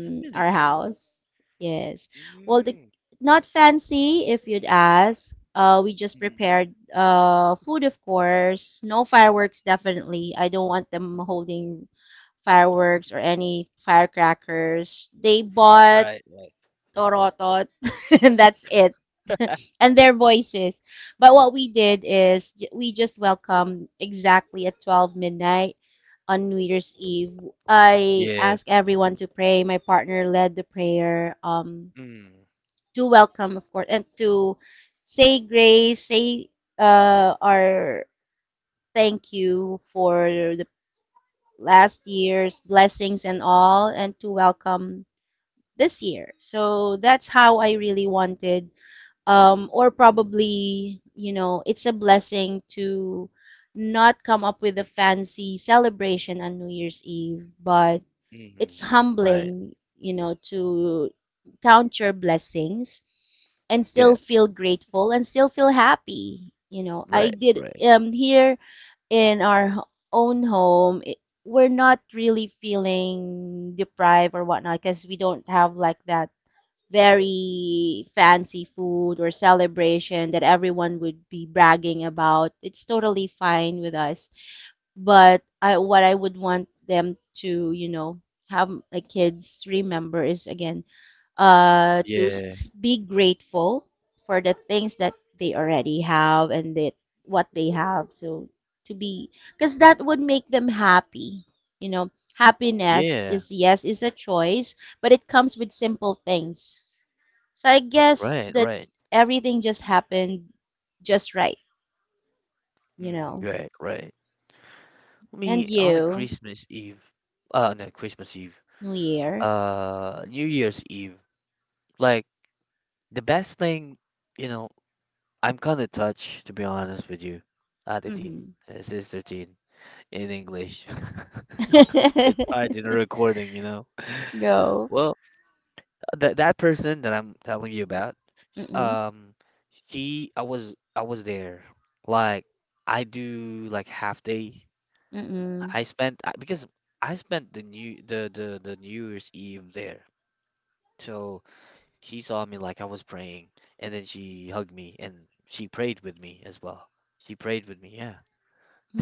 S1: ten
S2: our
S1: minutes away.
S2: house. Yes. Well, the
S1: Mm.
S2: not fancy if you'd ask. Uh, we just prepared
S1: Hmm.
S2: uh food, of course. No fireworks, definitely. I don't want them holding fireworks or any firecrackers. They bought
S1: Right, right.
S2: torotot, and that's it. and their voices. But what we did is j- we just welcomed exactly at twelve midnight on New Year's Eve. I
S1: Yeah.
S2: asked everyone to pray. My partner led the prayer, um,
S1: Mm,
S2: to welcome, of course, and to say grace, say uh, our thank you for the last year's blessings and all, and to welcome this year. So that's how I really wanted, um, or probably, you know, it's a blessing to not come up with a fancy celebration on New Year's Eve, but
S1: mm,
S2: it's
S1: right.
S2: humbling, you know, to count your blessings and
S1: Yeah,
S2: still feel grateful and still feel happy. You know, I
S1: right,
S2: did
S1: right.
S2: um here in our h- own home, it, we're not really feeling deprived or whatnot because we don't have like that very fancy food or celebration that everyone would be bragging about. It's totally fine with us. But I, what I would want them to, you know, have the kids remember is again, uh, to
S1: Yeah,
S2: s- be grateful for the things that they already have and that what they have. So to be, because that would make them happy. You know, happiness
S1: yeah,
S2: is yes is a choice, but it comes with simple things. So I guess
S1: right,
S2: that
S1: right.
S2: everything just happened just right, you
S1: Mm,
S2: know.
S1: right, right.
S2: And
S1: Me on the
S2: you,
S1: Christmas Eve, uh, no, Christmas Eve,
S2: New Year.
S1: uh, New Year's Eve, like the best thing, you know, I'm kind of touched, to be honest with you. Uh, the teen,
S2: Hmm.
S1: uh, sister teen in English. It's hard in a recording, you know.
S2: Go.
S1: Well, that that person that I'm telling you about,
S2: Mm-mm.
S1: um, she, I was, I was there. Like, I do like half day
S2: Mm-mm.
S1: I spent I- because I spent the new the the the New Year's Eve there. So she saw me like I was praying, and then she hugged me and she prayed with me as well. She prayed with me. Yeah,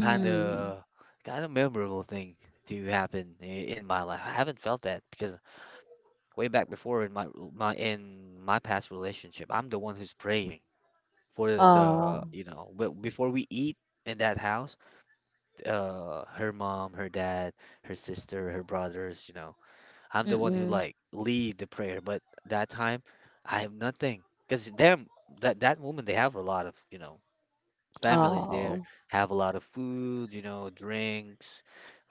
S1: kind of kind of memorable thing to happen i- in my life. I haven't felt that because way back before in my my in my past relationship, I'm the one who's praying for the, the
S2: Oh.
S1: you know be- before we eat in that house. Uh, her mom, her dad, her sister, her brothers, you know I'm the one who
S2: Mm-mm.
S1: like lead the prayer, but that time I have nothing because them that that woman they have a lot of you know families there
S2: Oh.
S1: have a lot of food, you know, drinks.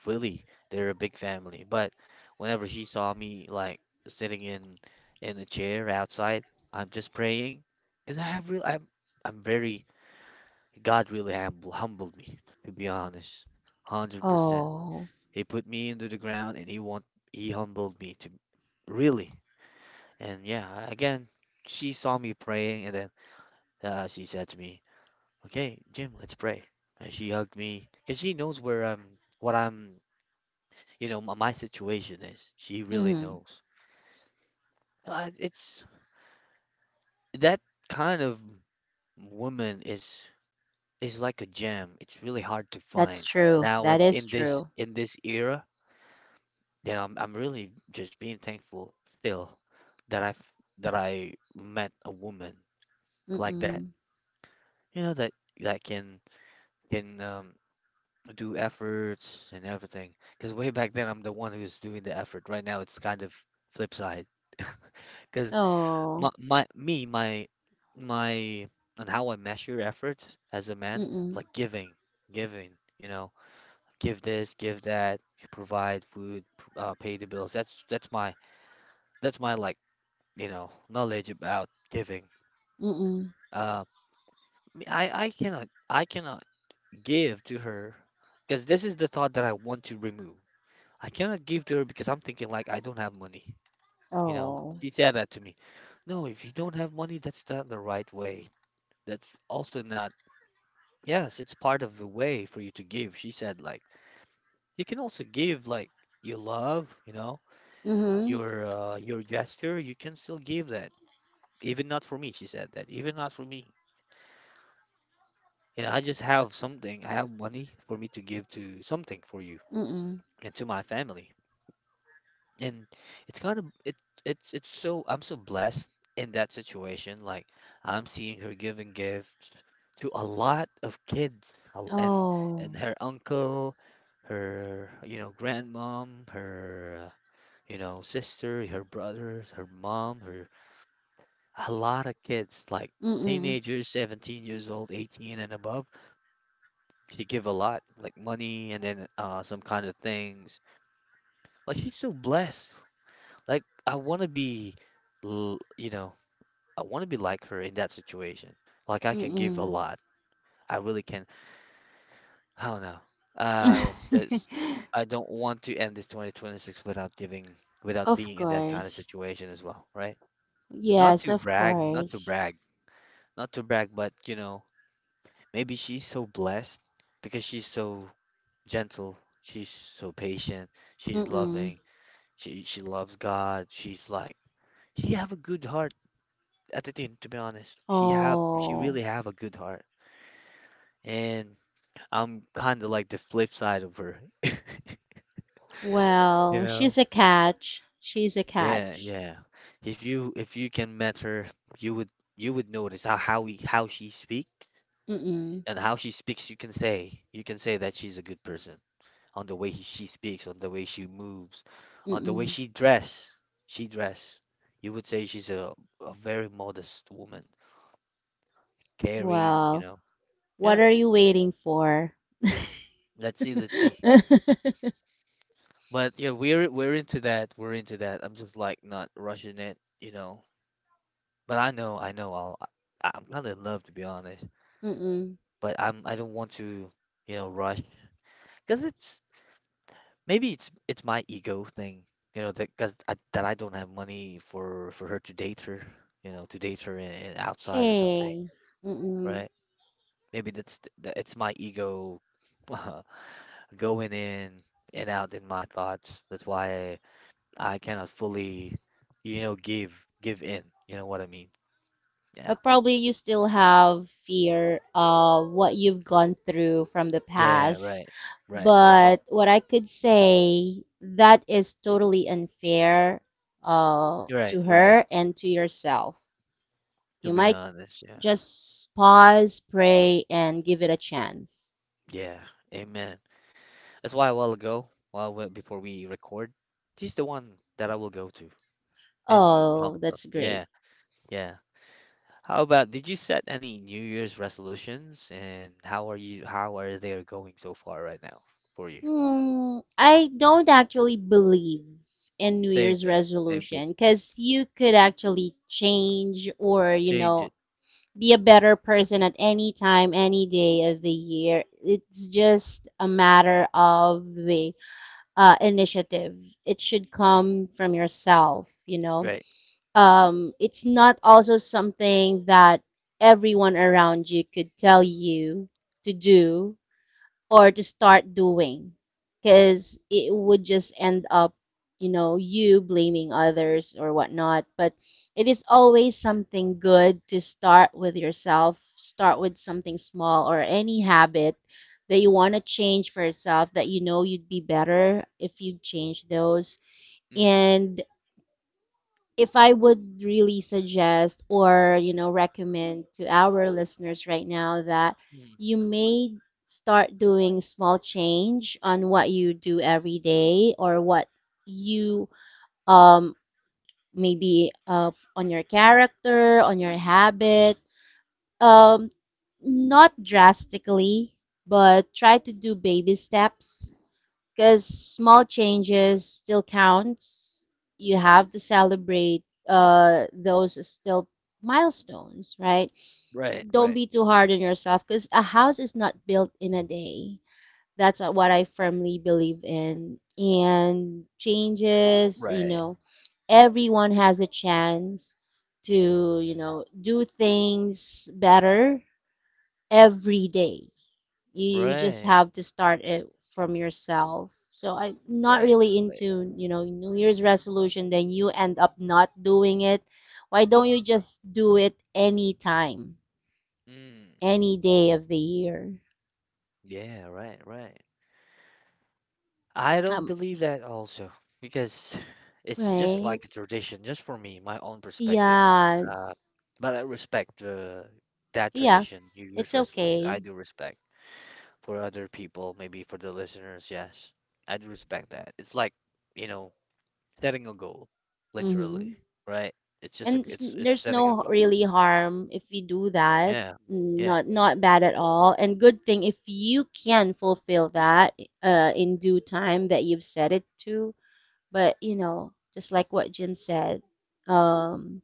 S1: Really, they're a big family. But whenever she saw me like sitting in in a chair outside, I'm just praying, and I have real I'm I'm very God really humble, humbled me, to be honest, one hundred percent.
S2: Oh.
S1: He put me into the ground and he want he humbled me to really and yeah, again, she saw me praying and then uh, she said to me, "Okay, Jim, let's pray." And she hugged me because she knows where I'm, what I'm, you know, my, my situation is. She really
S2: Hmm.
S1: knows. Uh, it's that kind of woman is is like a gem. It's really hard to
S2: That's
S1: find
S2: true.
S1: now
S2: That
S1: in
S2: is
S1: in this
S2: true.
S1: in this era. You know, I'm I'm really just being thankful still that I've that I met a woman like that.
S2: Mm-mm.
S1: You know that that can can um, do efforts and everything. Because way back then, I'm the one who's doing the effort. Right now, it's kind of flip side. Because my,
S2: Oh.
S1: my me my my on how I measure effort as a man,
S2: Mm-mm.
S1: like giving, giving, you know, give this, give that, you provide food, p- uh, pay the bills. That's that's my that's my like you know knowledge about giving.
S2: Mm-mm.
S1: Uh, me- I I cannot I cannot give to her because this is the thought that I want to remove. I cannot give to her because I'm thinking like I don't have money. You know,
S2: Oh.
S1: she said that to me. No, if you don't have money, that's not the right way. That's also not. Yes, it's part of the way for you to give. She said like you can also give like your love, you know,
S2: Mm-hmm.
S1: your uh, your gesture. You can still give that. Even not for me, she said that. Even not for me. You know, I just have something. I have money for me to give to something for you
S2: Mm-mm.
S1: and to my family. And it's kind of it it's it's so I'm so blessed in that situation. Like I'm seeing her giving gifts to a lot of kids uh, and
S2: Oh.
S1: and her uncle, her you know grandmom, her uh, you know sister, her brothers, her mom, her a lot of kids like
S2: Mm-mm.
S1: teenagers, seventeen years old, eighteen and above. She give a lot like money and then uh some kind of things. Like she's so blessed. Like I want to be, l- you know, I want to be like her in that situation. Like I can give a
S2: Mm-mm.
S1: lot. I really can. I don't know. Uh, that's. I don't want to end this twenty twenty-six without giving, without
S2: Of
S1: being in that kind of
S2: course.
S1: situation as well, right? Not
S2: Yes,
S1: to
S2: of
S1: brag, not to
S2: course.
S1: brag, not to brag, but you know, maybe she's so blessed because she's so gentle, she's so patient, she's
S2: Mm-mm.
S1: loving, she she loves God, she's like she have a good heart Atitine, to be honest, she have she
S2: Oh,
S1: really have a good heart, and I'm kind of like the flip side of her. You
S2: well,
S1: know?
S2: she's a catch. She's a
S1: Yeah,
S2: catch.
S1: yeah. If you if you can met her, you would you would notice how how we, how she speaks
S2: Mm-mm.
S1: and how she speaks. You can say you can say that she's a good person on the way he, she speaks, on the way she moves, on the way
S2: Mm-mm.
S1: she dress. She dress. You would say she's a a very modest woman, caring. You
S2: Well,
S1: know?
S2: what
S1: Yeah.
S2: are you waiting for?
S1: Let's see. Let's see. But yeah, we're we're into that. We're into that. I'm just like not rushing it, you know. But I know, I know I'll I- I'm kind of in love to be honest.
S2: Mm-mm.
S1: But I'm I don't want to, you know, rush because it's maybe it's it's my ego thing, you know, that cause I, that I don't have money for for her to date her, you know, to date her in, in outside or something,
S2: Hey. Mm-mm.
S1: right? Maybe that's th- that it's my ego going in and out in my thoughts. That's why I cannot fully, you know, give give in. You know what I mean? Yeah.
S2: But probably you still have fear of what you've gone through from the
S1: Yeah,
S2: past.
S1: right, right, right,
S2: But what I could say, that is totally unfair uh,
S1: right,
S2: to
S1: right.
S2: her and to yourself. You
S1: To be
S2: might
S1: honest, yeah.
S2: just pause, pray, and give it a chance.
S1: Yeah. Amen. That's why a while ago, while we, before we record, he's the one that I will go to in
S2: Oh,
S1: Commonwealth.
S2: that's great.
S1: Yeah. Yeah. How about, did you set any New Year's resolutions and how are you, how are they going so far right now for you?
S2: Hmm, I don't actually believe in New
S1: Same
S2: Year's
S1: thing, same thing.
S2: resolution because you could actually change or, you
S1: Change
S2: know,
S1: it.
S2: be a better person at any time, any day of the year. It's just a matter of the uh, initiative. It should
S1: Hmm.
S2: come from yourself, you know.
S1: Right.
S2: Um, it's not also something that everyone around you could tell you to do or to start doing because it would just end up you know you blaming others or whatnot, but it is always something good to start with yourself, start with something small or any habit that you want to change for yourself, that you know you'd be better if you change those.
S1: Hmm.
S2: And if I would really suggest or, you know, recommend to our listeners right now that you may start doing small change on what you do every day or what you um maybe uh, on your character, on your habit. Um, not drastically, but try to do baby steps because small changes still counts. You have to celebrate uh, those still milestones, right?
S1: Right,
S2: Don't
S1: right.
S2: be too hard on yourself because a house is not built in a day. That's uh, what I firmly believe in. And changes, you
S1: Right.
S2: know, everyone has a chance to, you know, do things better every day. You just
S1: Right.
S2: have to start it from yourself. So I'm not
S1: Right.
S2: really
S1: Right.
S2: into, you know, New Year's resolution, then you end up not doing it. Why don't you just do it any time,
S1: Mm.
S2: any day of the year?
S1: Yeah, right, right. I don't
S2: Um,
S1: believe that also because it's just
S2: right?
S1: like a tradition, just for me, my own perspective. Uh,
S2: Yes.
S1: but I respect uh, that
S2: Yeah,
S1: tradition, New Year's
S2: it's
S1: resolution. I
S2: okay.
S1: do respect for other people, maybe for the listeners. Yes, I do respect that. It's like, you know, setting a goal, literally,
S2: Mm-hmm.
S1: right? It's just a,
S2: And s-
S1: it's it's
S2: there's
S1: setting a
S2: no
S1: goal.
S2: really harm if you do that.
S1: Yeah, yeah,
S2: Not not bad at all. And good thing if you can fulfill that uh, in due time that you've said it to. But you know, just like what Jim said, um,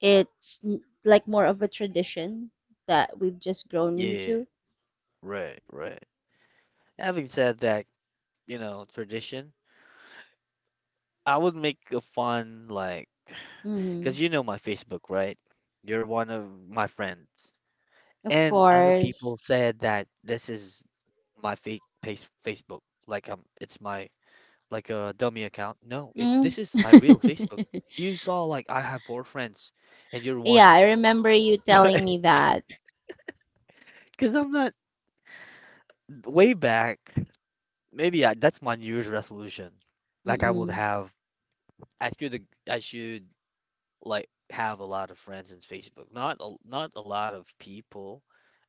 S2: it's n- like more of a tradition that we've just grown
S1: yeah.
S2: into.
S1: Right, right. Having said that, you know, tradition, I would make a fun like
S2: Hmm.
S1: because you know my Facebook, right? You're one of my friends.
S2: Of
S1: And other
S2: course.
S1: people said that this is my fake face Facebook, like um it's my like a dummy account. No, it
S2: Mm.
S1: this is my real Facebook. You saw like I have four friends and you're one,
S2: Yeah, I remember you telling
S1: right?
S2: me that.
S1: Because I'm not way back. Maybe I, that's my New Year's resolution. Like I would
S2: Mm-mm.
S1: have I should I should like have a lot of friends in Facebook. Not a, not a lot of people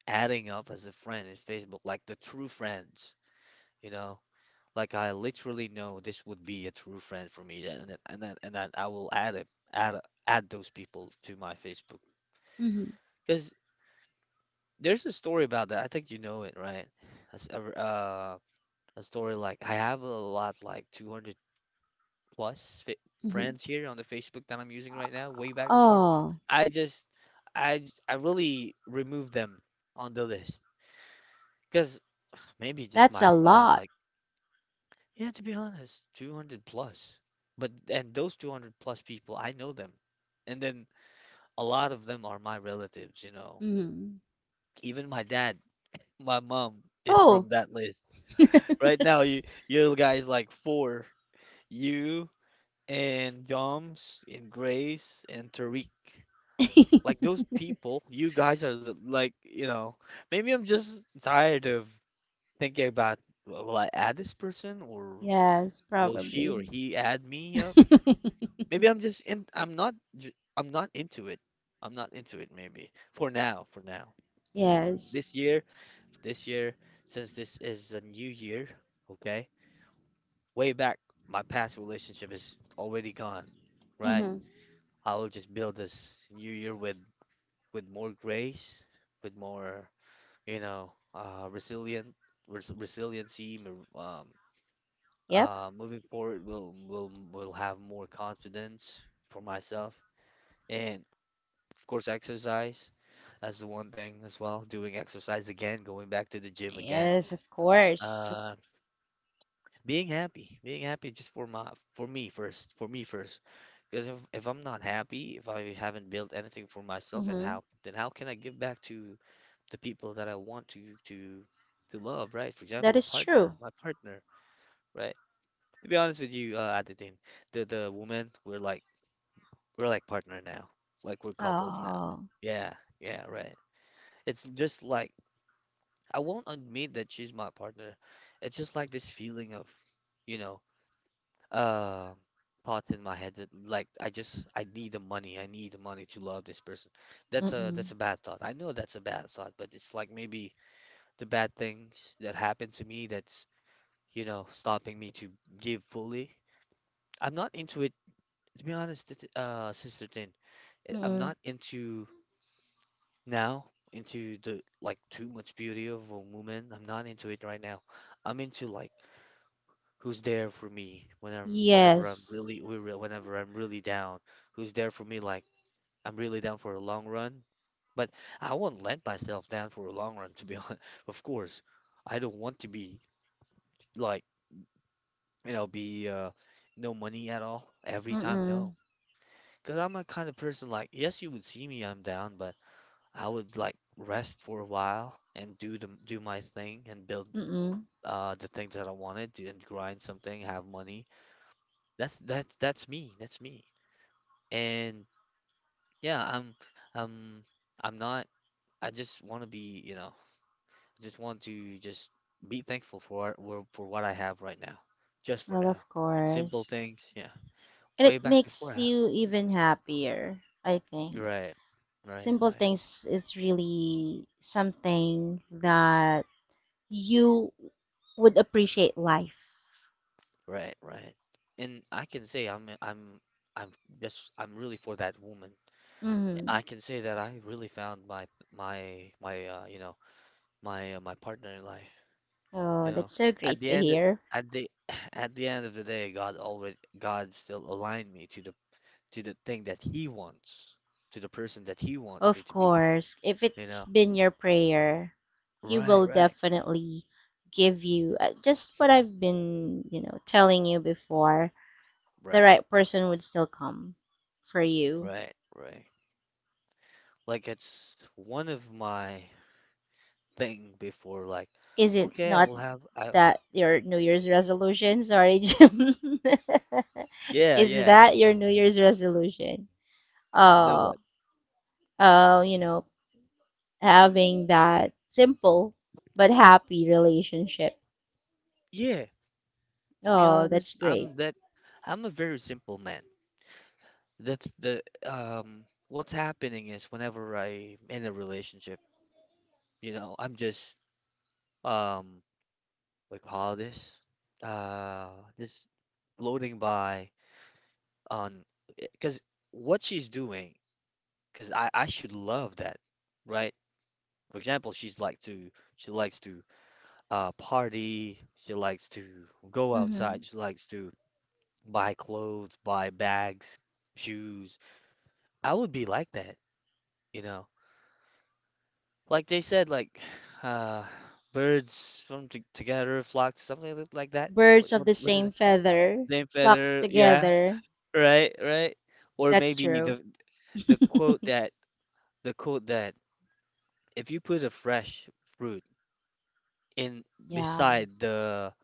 S1: adding up as a friend in Facebook, like the true friends, you know. Like I literally know this would be a true friend for me, and then, and then and then I will add it, add add those people to my Facebook.
S2: Mm-hmm.
S1: Because there's a story about that. I think you know it, right? As a, uh, a story like I have a lot, like two hundred. Plus fa-
S2: Mm-hmm.
S1: friends here on the Facebook that I'm using right now, way back before,
S2: Oh.
S1: I just, I, j- I really removed them on the list because maybe just
S2: That's
S1: my
S2: a
S1: thought,
S2: lot.
S1: like, yeah, to be honest, two hundred plus, but and those two hundred plus people, I know them, and then a lot of them are my relatives, you know,
S2: Mhm.
S1: even my dad, my mom is
S2: Oh,
S1: from that list. Right now, you, you guys like four, you and Joms and Grace and Tariq. Like those people, you guys are the, like, you know, maybe I'm just tired of thinking about, "Will will I add this person or
S2: yes,
S1: will she or
S2: probably.
S1: he add me up?" Maybe I'm just in I'm not j- I'm not into it. I'm not into it maybe. For now, for now.
S2: Yes.
S1: This year, this year, since this is a new year, okay? Way back my past relationship is already gone, right?
S2: Mhm.
S1: I will just build this new year with with more grace, with more, you know, uh, resilient, res resiliency, mo- um,
S2: Yep.
S1: uh, moving forward will will will have more confidence for myself, and of course, exercise. That's the one thing as well. Doing exercise again, going back to the gym again.
S2: Yes, of course.
S1: Uh, being happy being happy just for my for me first for me first because if, if I'm not happy, if I haven't built anything for myself and how
S2: Mhm.
S1: then how can I give back to the people that I want to to to love, right? For
S2: That
S1: example,
S2: is
S1: partner
S2: true.
S1: my partner, right? To be honest with you, uh Aditya, the the woman we're like we're like partner now, like we're couples now.
S2: Oh.
S1: Yeah. Yeah, right. It's just like I won't admit that she's my partner. It's just like this feeling of, you know, uh thought in my head that like I just I need the money. I need the money to love this person. That's a that's a
S2: Mm-mm.
S1: bad thought. I know that's a bad thought, but it's like maybe the bad things that happened to me that's, you know, stopping me to give fully. I'm not into it to be honest, it- uh Sister Tin. I- I'm
S2: Mm-mm.
S1: not into now into the like too much beauty of a woman. I'm not into it right now. I'm into like who's there for me when I'm whenever I'm
S2: Yes.
S1: really we re- whenever I'm really down, who's there for me like I'm really down for a long run. But I won't let myself down for a long run, to be honest. Of course, I don't want to be like, you know, be uh, no money at all every time. No,
S2: Mm-mm.
S1: because I'm a kind of person like, yes, you would see me, I'm down, but I would like rest for a while and do the do my thing and build
S2: Mm-mm.
S1: uh the things that I wanted to and grind something, have money. That's that's that's me. That's me. And yeah, I'm I'm I'm not I just want to be, you know, I just want to just be thankful for for for what I have right now. Just for
S2: Well,
S1: now.
S2: of
S1: Simple
S2: course.
S1: things, yeah.
S2: And
S1: Way
S2: it
S1: back before
S2: makes
S1: I
S2: you
S1: Mm.
S2: even happier, I think.
S1: Right. Right,
S2: Simple
S1: right.
S2: things is really something that you would appreciate life.
S1: Right, right. And I can say I'm I'm I'm just I'm really for that woman.
S2: Mm-hmm.
S1: I can say that I really found my my my uh, you know, my uh, my partner in life.
S2: Oh,
S1: You know,
S2: that's so
S1: at
S2: great
S1: the
S2: to
S1: end,
S2: hear.
S1: at the at the end of the day, God already, God still aligned me to the to the thing that He wants, to the person that He wants me
S2: Of
S1: to be.
S2: course, if
S1: You
S2: it's
S1: know,
S2: been your prayer, He
S1: right,
S2: will
S1: right,
S2: definitely give you uh, just what I've been, you know, telling you before. The
S1: right,
S2: right person would still come for you.
S1: right, right. Like it's one of my thing before. Like,
S2: Is it
S1: okay, I
S2: not
S1: will have. I.
S2: that your New Year's resolution? Sorry, Jim.
S1: Yeah,
S2: Is
S1: yeah.
S2: that your New Year's resolution?
S1: The
S2: Oh,
S1: what?
S2: oh, you know, having that simple but happy relationship.
S1: Yeah. To be
S2: Oh,
S1: honest,
S2: that's great.
S1: I'm that. I'm a very simple man. That the um. What's happening is whenever I'm in a relationship. You know, I'm just um what you call this? Uh just floating by on because what she's doing, because I I should love that, right? For example, she's like to she likes to uh party, she likes to go outside,
S2: Hmm.
S1: she likes to buy clothes, buy bags, shoes. I would be like that, you know. Like they said, like uh birds from t together flock, something like that.
S2: Birds
S1: What
S2: of
S1: what
S2: the
S1: what is
S2: same feather
S1: Name
S2: flocks
S1: better, yeah,
S2: together.
S1: right, right. Or
S2: That's
S1: maybe
S2: true.
S1: the the quote that the quote that if you put a fresh fruit in
S2: Yeah.
S1: beside the,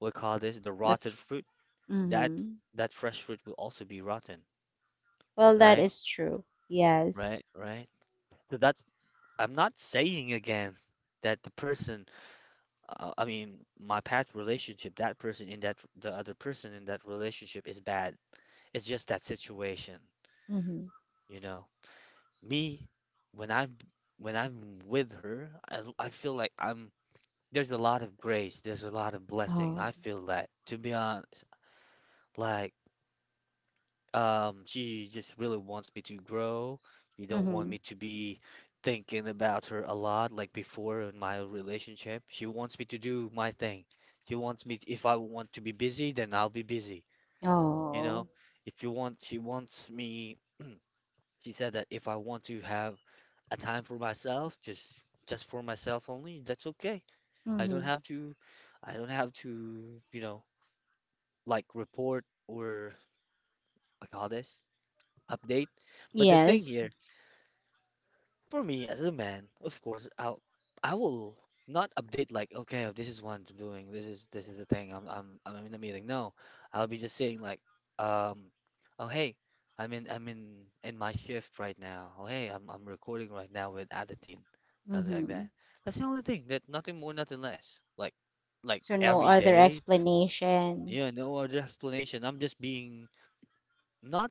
S1: we call this, the
S2: The
S1: rotten
S2: f-
S1: fruit, that
S2: hmm.
S1: that fresh fruit will also be rotten,
S2: Well, that
S1: right?
S2: is true. Yes.
S1: Right, right. So that's, I'm not saying again that the person, uh, I mean, my past relationship, that person in that the other person in that relationship is bad. It's just that situation,
S2: Hmm.
S1: you know. Me when I'm when I'm with her, I, I feel like I'm there's a lot of grace, there's a lot of blessing.
S2: Oh.
S1: I feel that to be honest, like um she just really wants me to grow. She don't want
S2: Hmm.
S1: me to be thinking about her a lot like before in my relationship. She wants me to do my thing. She wants me if I want to be busy, then I'll be busy. You know,
S2: Oh.
S1: if you want, she wants me. She said that if I want to have a time for myself, just just for myself only, that's okay. I don't
S2: Hmm.
S1: have to, I don't have to, you know, like report or I call this update. But the thing
S2: Yes.
S1: here, for me, as a man, of course, I'll I will not update like, okay, this is what I'm doing. This is this is the thing. I'm I'm I'm in a meeting. No, I'll be just saying like, um, oh hey, I'm in I'm in in my shift right now. Oh hey, I'm I'm recording right now with Adetin, something like
S2: Hmm.
S1: that. That's the only thing. That nothing more, nothing less. Like like
S2: So no
S1: every
S2: other
S1: day.
S2: explanation.
S1: Yeah, no other explanation. I'm just being not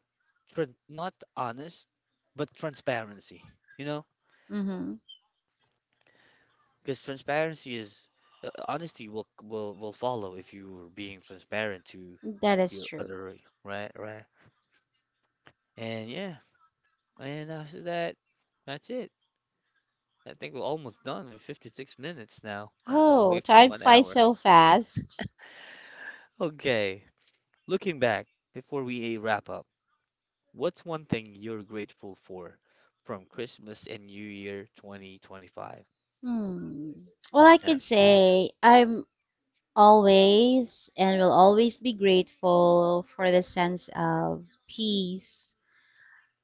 S1: tran not honest, but transparency. You know.
S2: Hmm.
S1: Because transparency is uh, honesty will will will follow if you're being transparent to
S2: That is
S1: your
S2: true.
S1: other, right, right. And yeah, and after that, that's it. I think we're almost done with fifty-six minutes now,
S2: Oh,
S1: away from
S2: time
S1: one
S2: flies
S1: hour.
S2: so fast.
S1: Okay, looking back before we uh, wrap up, what's one thing you're grateful for from Christmas and New Year twenty twenty-five?
S2: Hmm. Well, I
S1: Yeah,
S2: could say I'm always and will always be grateful for the sense of peace.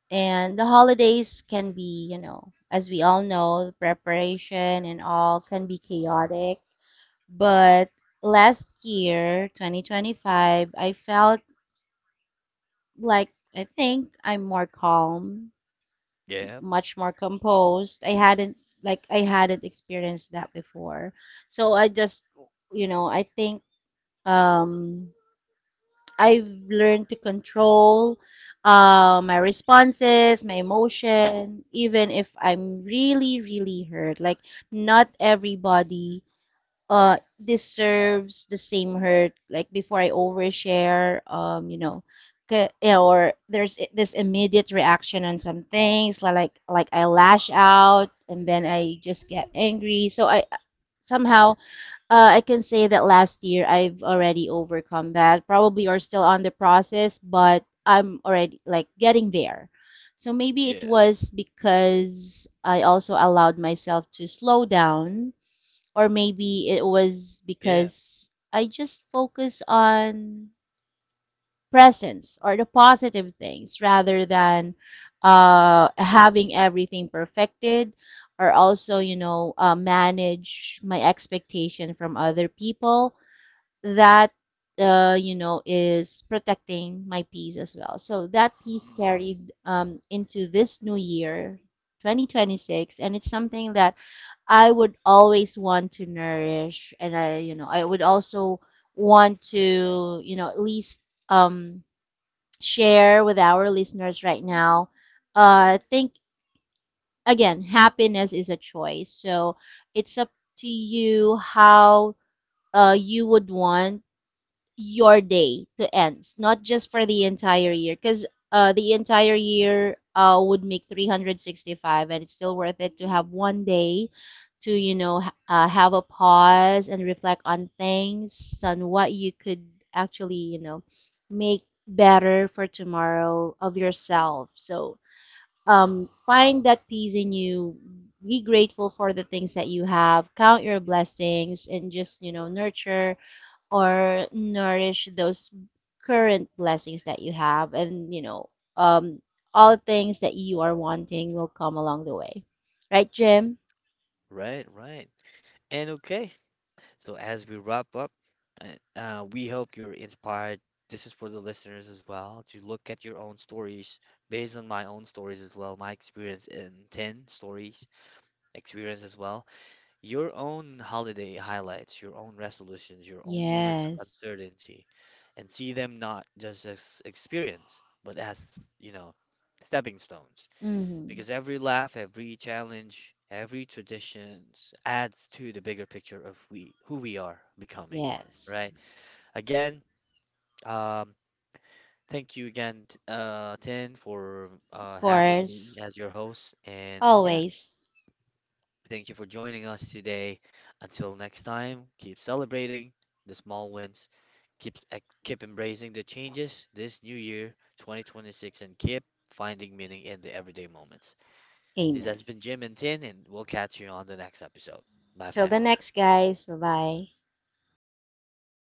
S2: And the holidays can be, you know, as we all know, the preparation and all can be chaotic. But last year, twenty twenty-five, I felt like, I think I'm more calm,
S1: yeah,
S2: much more composed. I hadn't Like, I hadn't experienced that before. So I just, you know, I think um I've learned to control uh, my responses, my emotion, even if I'm really, really hurt. Like, not everybody uh deserves the same hurt. Like before I overshare, um, you know, ca- yeah, or there's i- this immediate reaction on some things, li- like like I lash out and then I just get angry. So I somehow, uh, I can say that last year I've already overcome that, probably are still on the process, but I'm already like getting there. So maybe it
S1: yeah,
S2: was because I also allowed myself to slow down, or maybe it was
S1: yeah.
S2: because I just focus on presence or the positive things rather than uh, having everything perfected, or also, you know, uh, manage my expectation from other people. That, uh, you know, is protecting my peace as well. So that peace carried
S1: Mm-mm.
S2: um, into this new year, twenty twenty-six, and it's something that I would always want to nourish, and I, you know, I would also want to, you know, at least um share with our listeners right now uh think, again, happiness is a choice, so it's up to you how uh you would want your day to ends, not just for the entire year, because uh, the entire year uh, would make three hundred sixty-five, and it's still worth it to have one day to, you know, ha- uh, have a pause and reflect on things, on what you could actually, you know, make better for tomorrow of yourself. So um, find that peace in you. Be grateful for the things that you have. Count your blessings and just, you know, nurture or nourish those current blessings that you have. And you know, um, all things that you are wanting will come along the way, right, Jim?
S1: Right, right. And okay, so, as we wrap up, uh, uh, we hope you're inspired. This is for the listeners as well to look at your own stories based on my own stories as well, my experience in ten stories, experience as well, your own holiday highlights, your own resolutions, your own moments of
S2: Yes.
S1: uncertainty, and see them not just as experience, but as, you know, stepping stones
S2: Mm-hmm.
S1: because every laugh, every challenge, every traditions adds to the bigger picture of we who we are becoming,
S2: Yes,
S1: right? Again, um, thank you again, t- uh, Tin, for
S2: of
S1: uh, having me
S2: course.
S1: as your host, and yeah,
S2: Always.
S1: thank you for joining us today. Until next time, keep celebrating the small wins, keep ex- keep embracing the changes this new year, twenty twenty-six, and keep finding meaning in the everyday moments. This
S2: Amen.
S1: has been Jim and Tin, and we'll catch you on the next episode. Bye for
S2: Till
S1: now.
S2: the next, guys. Bye bye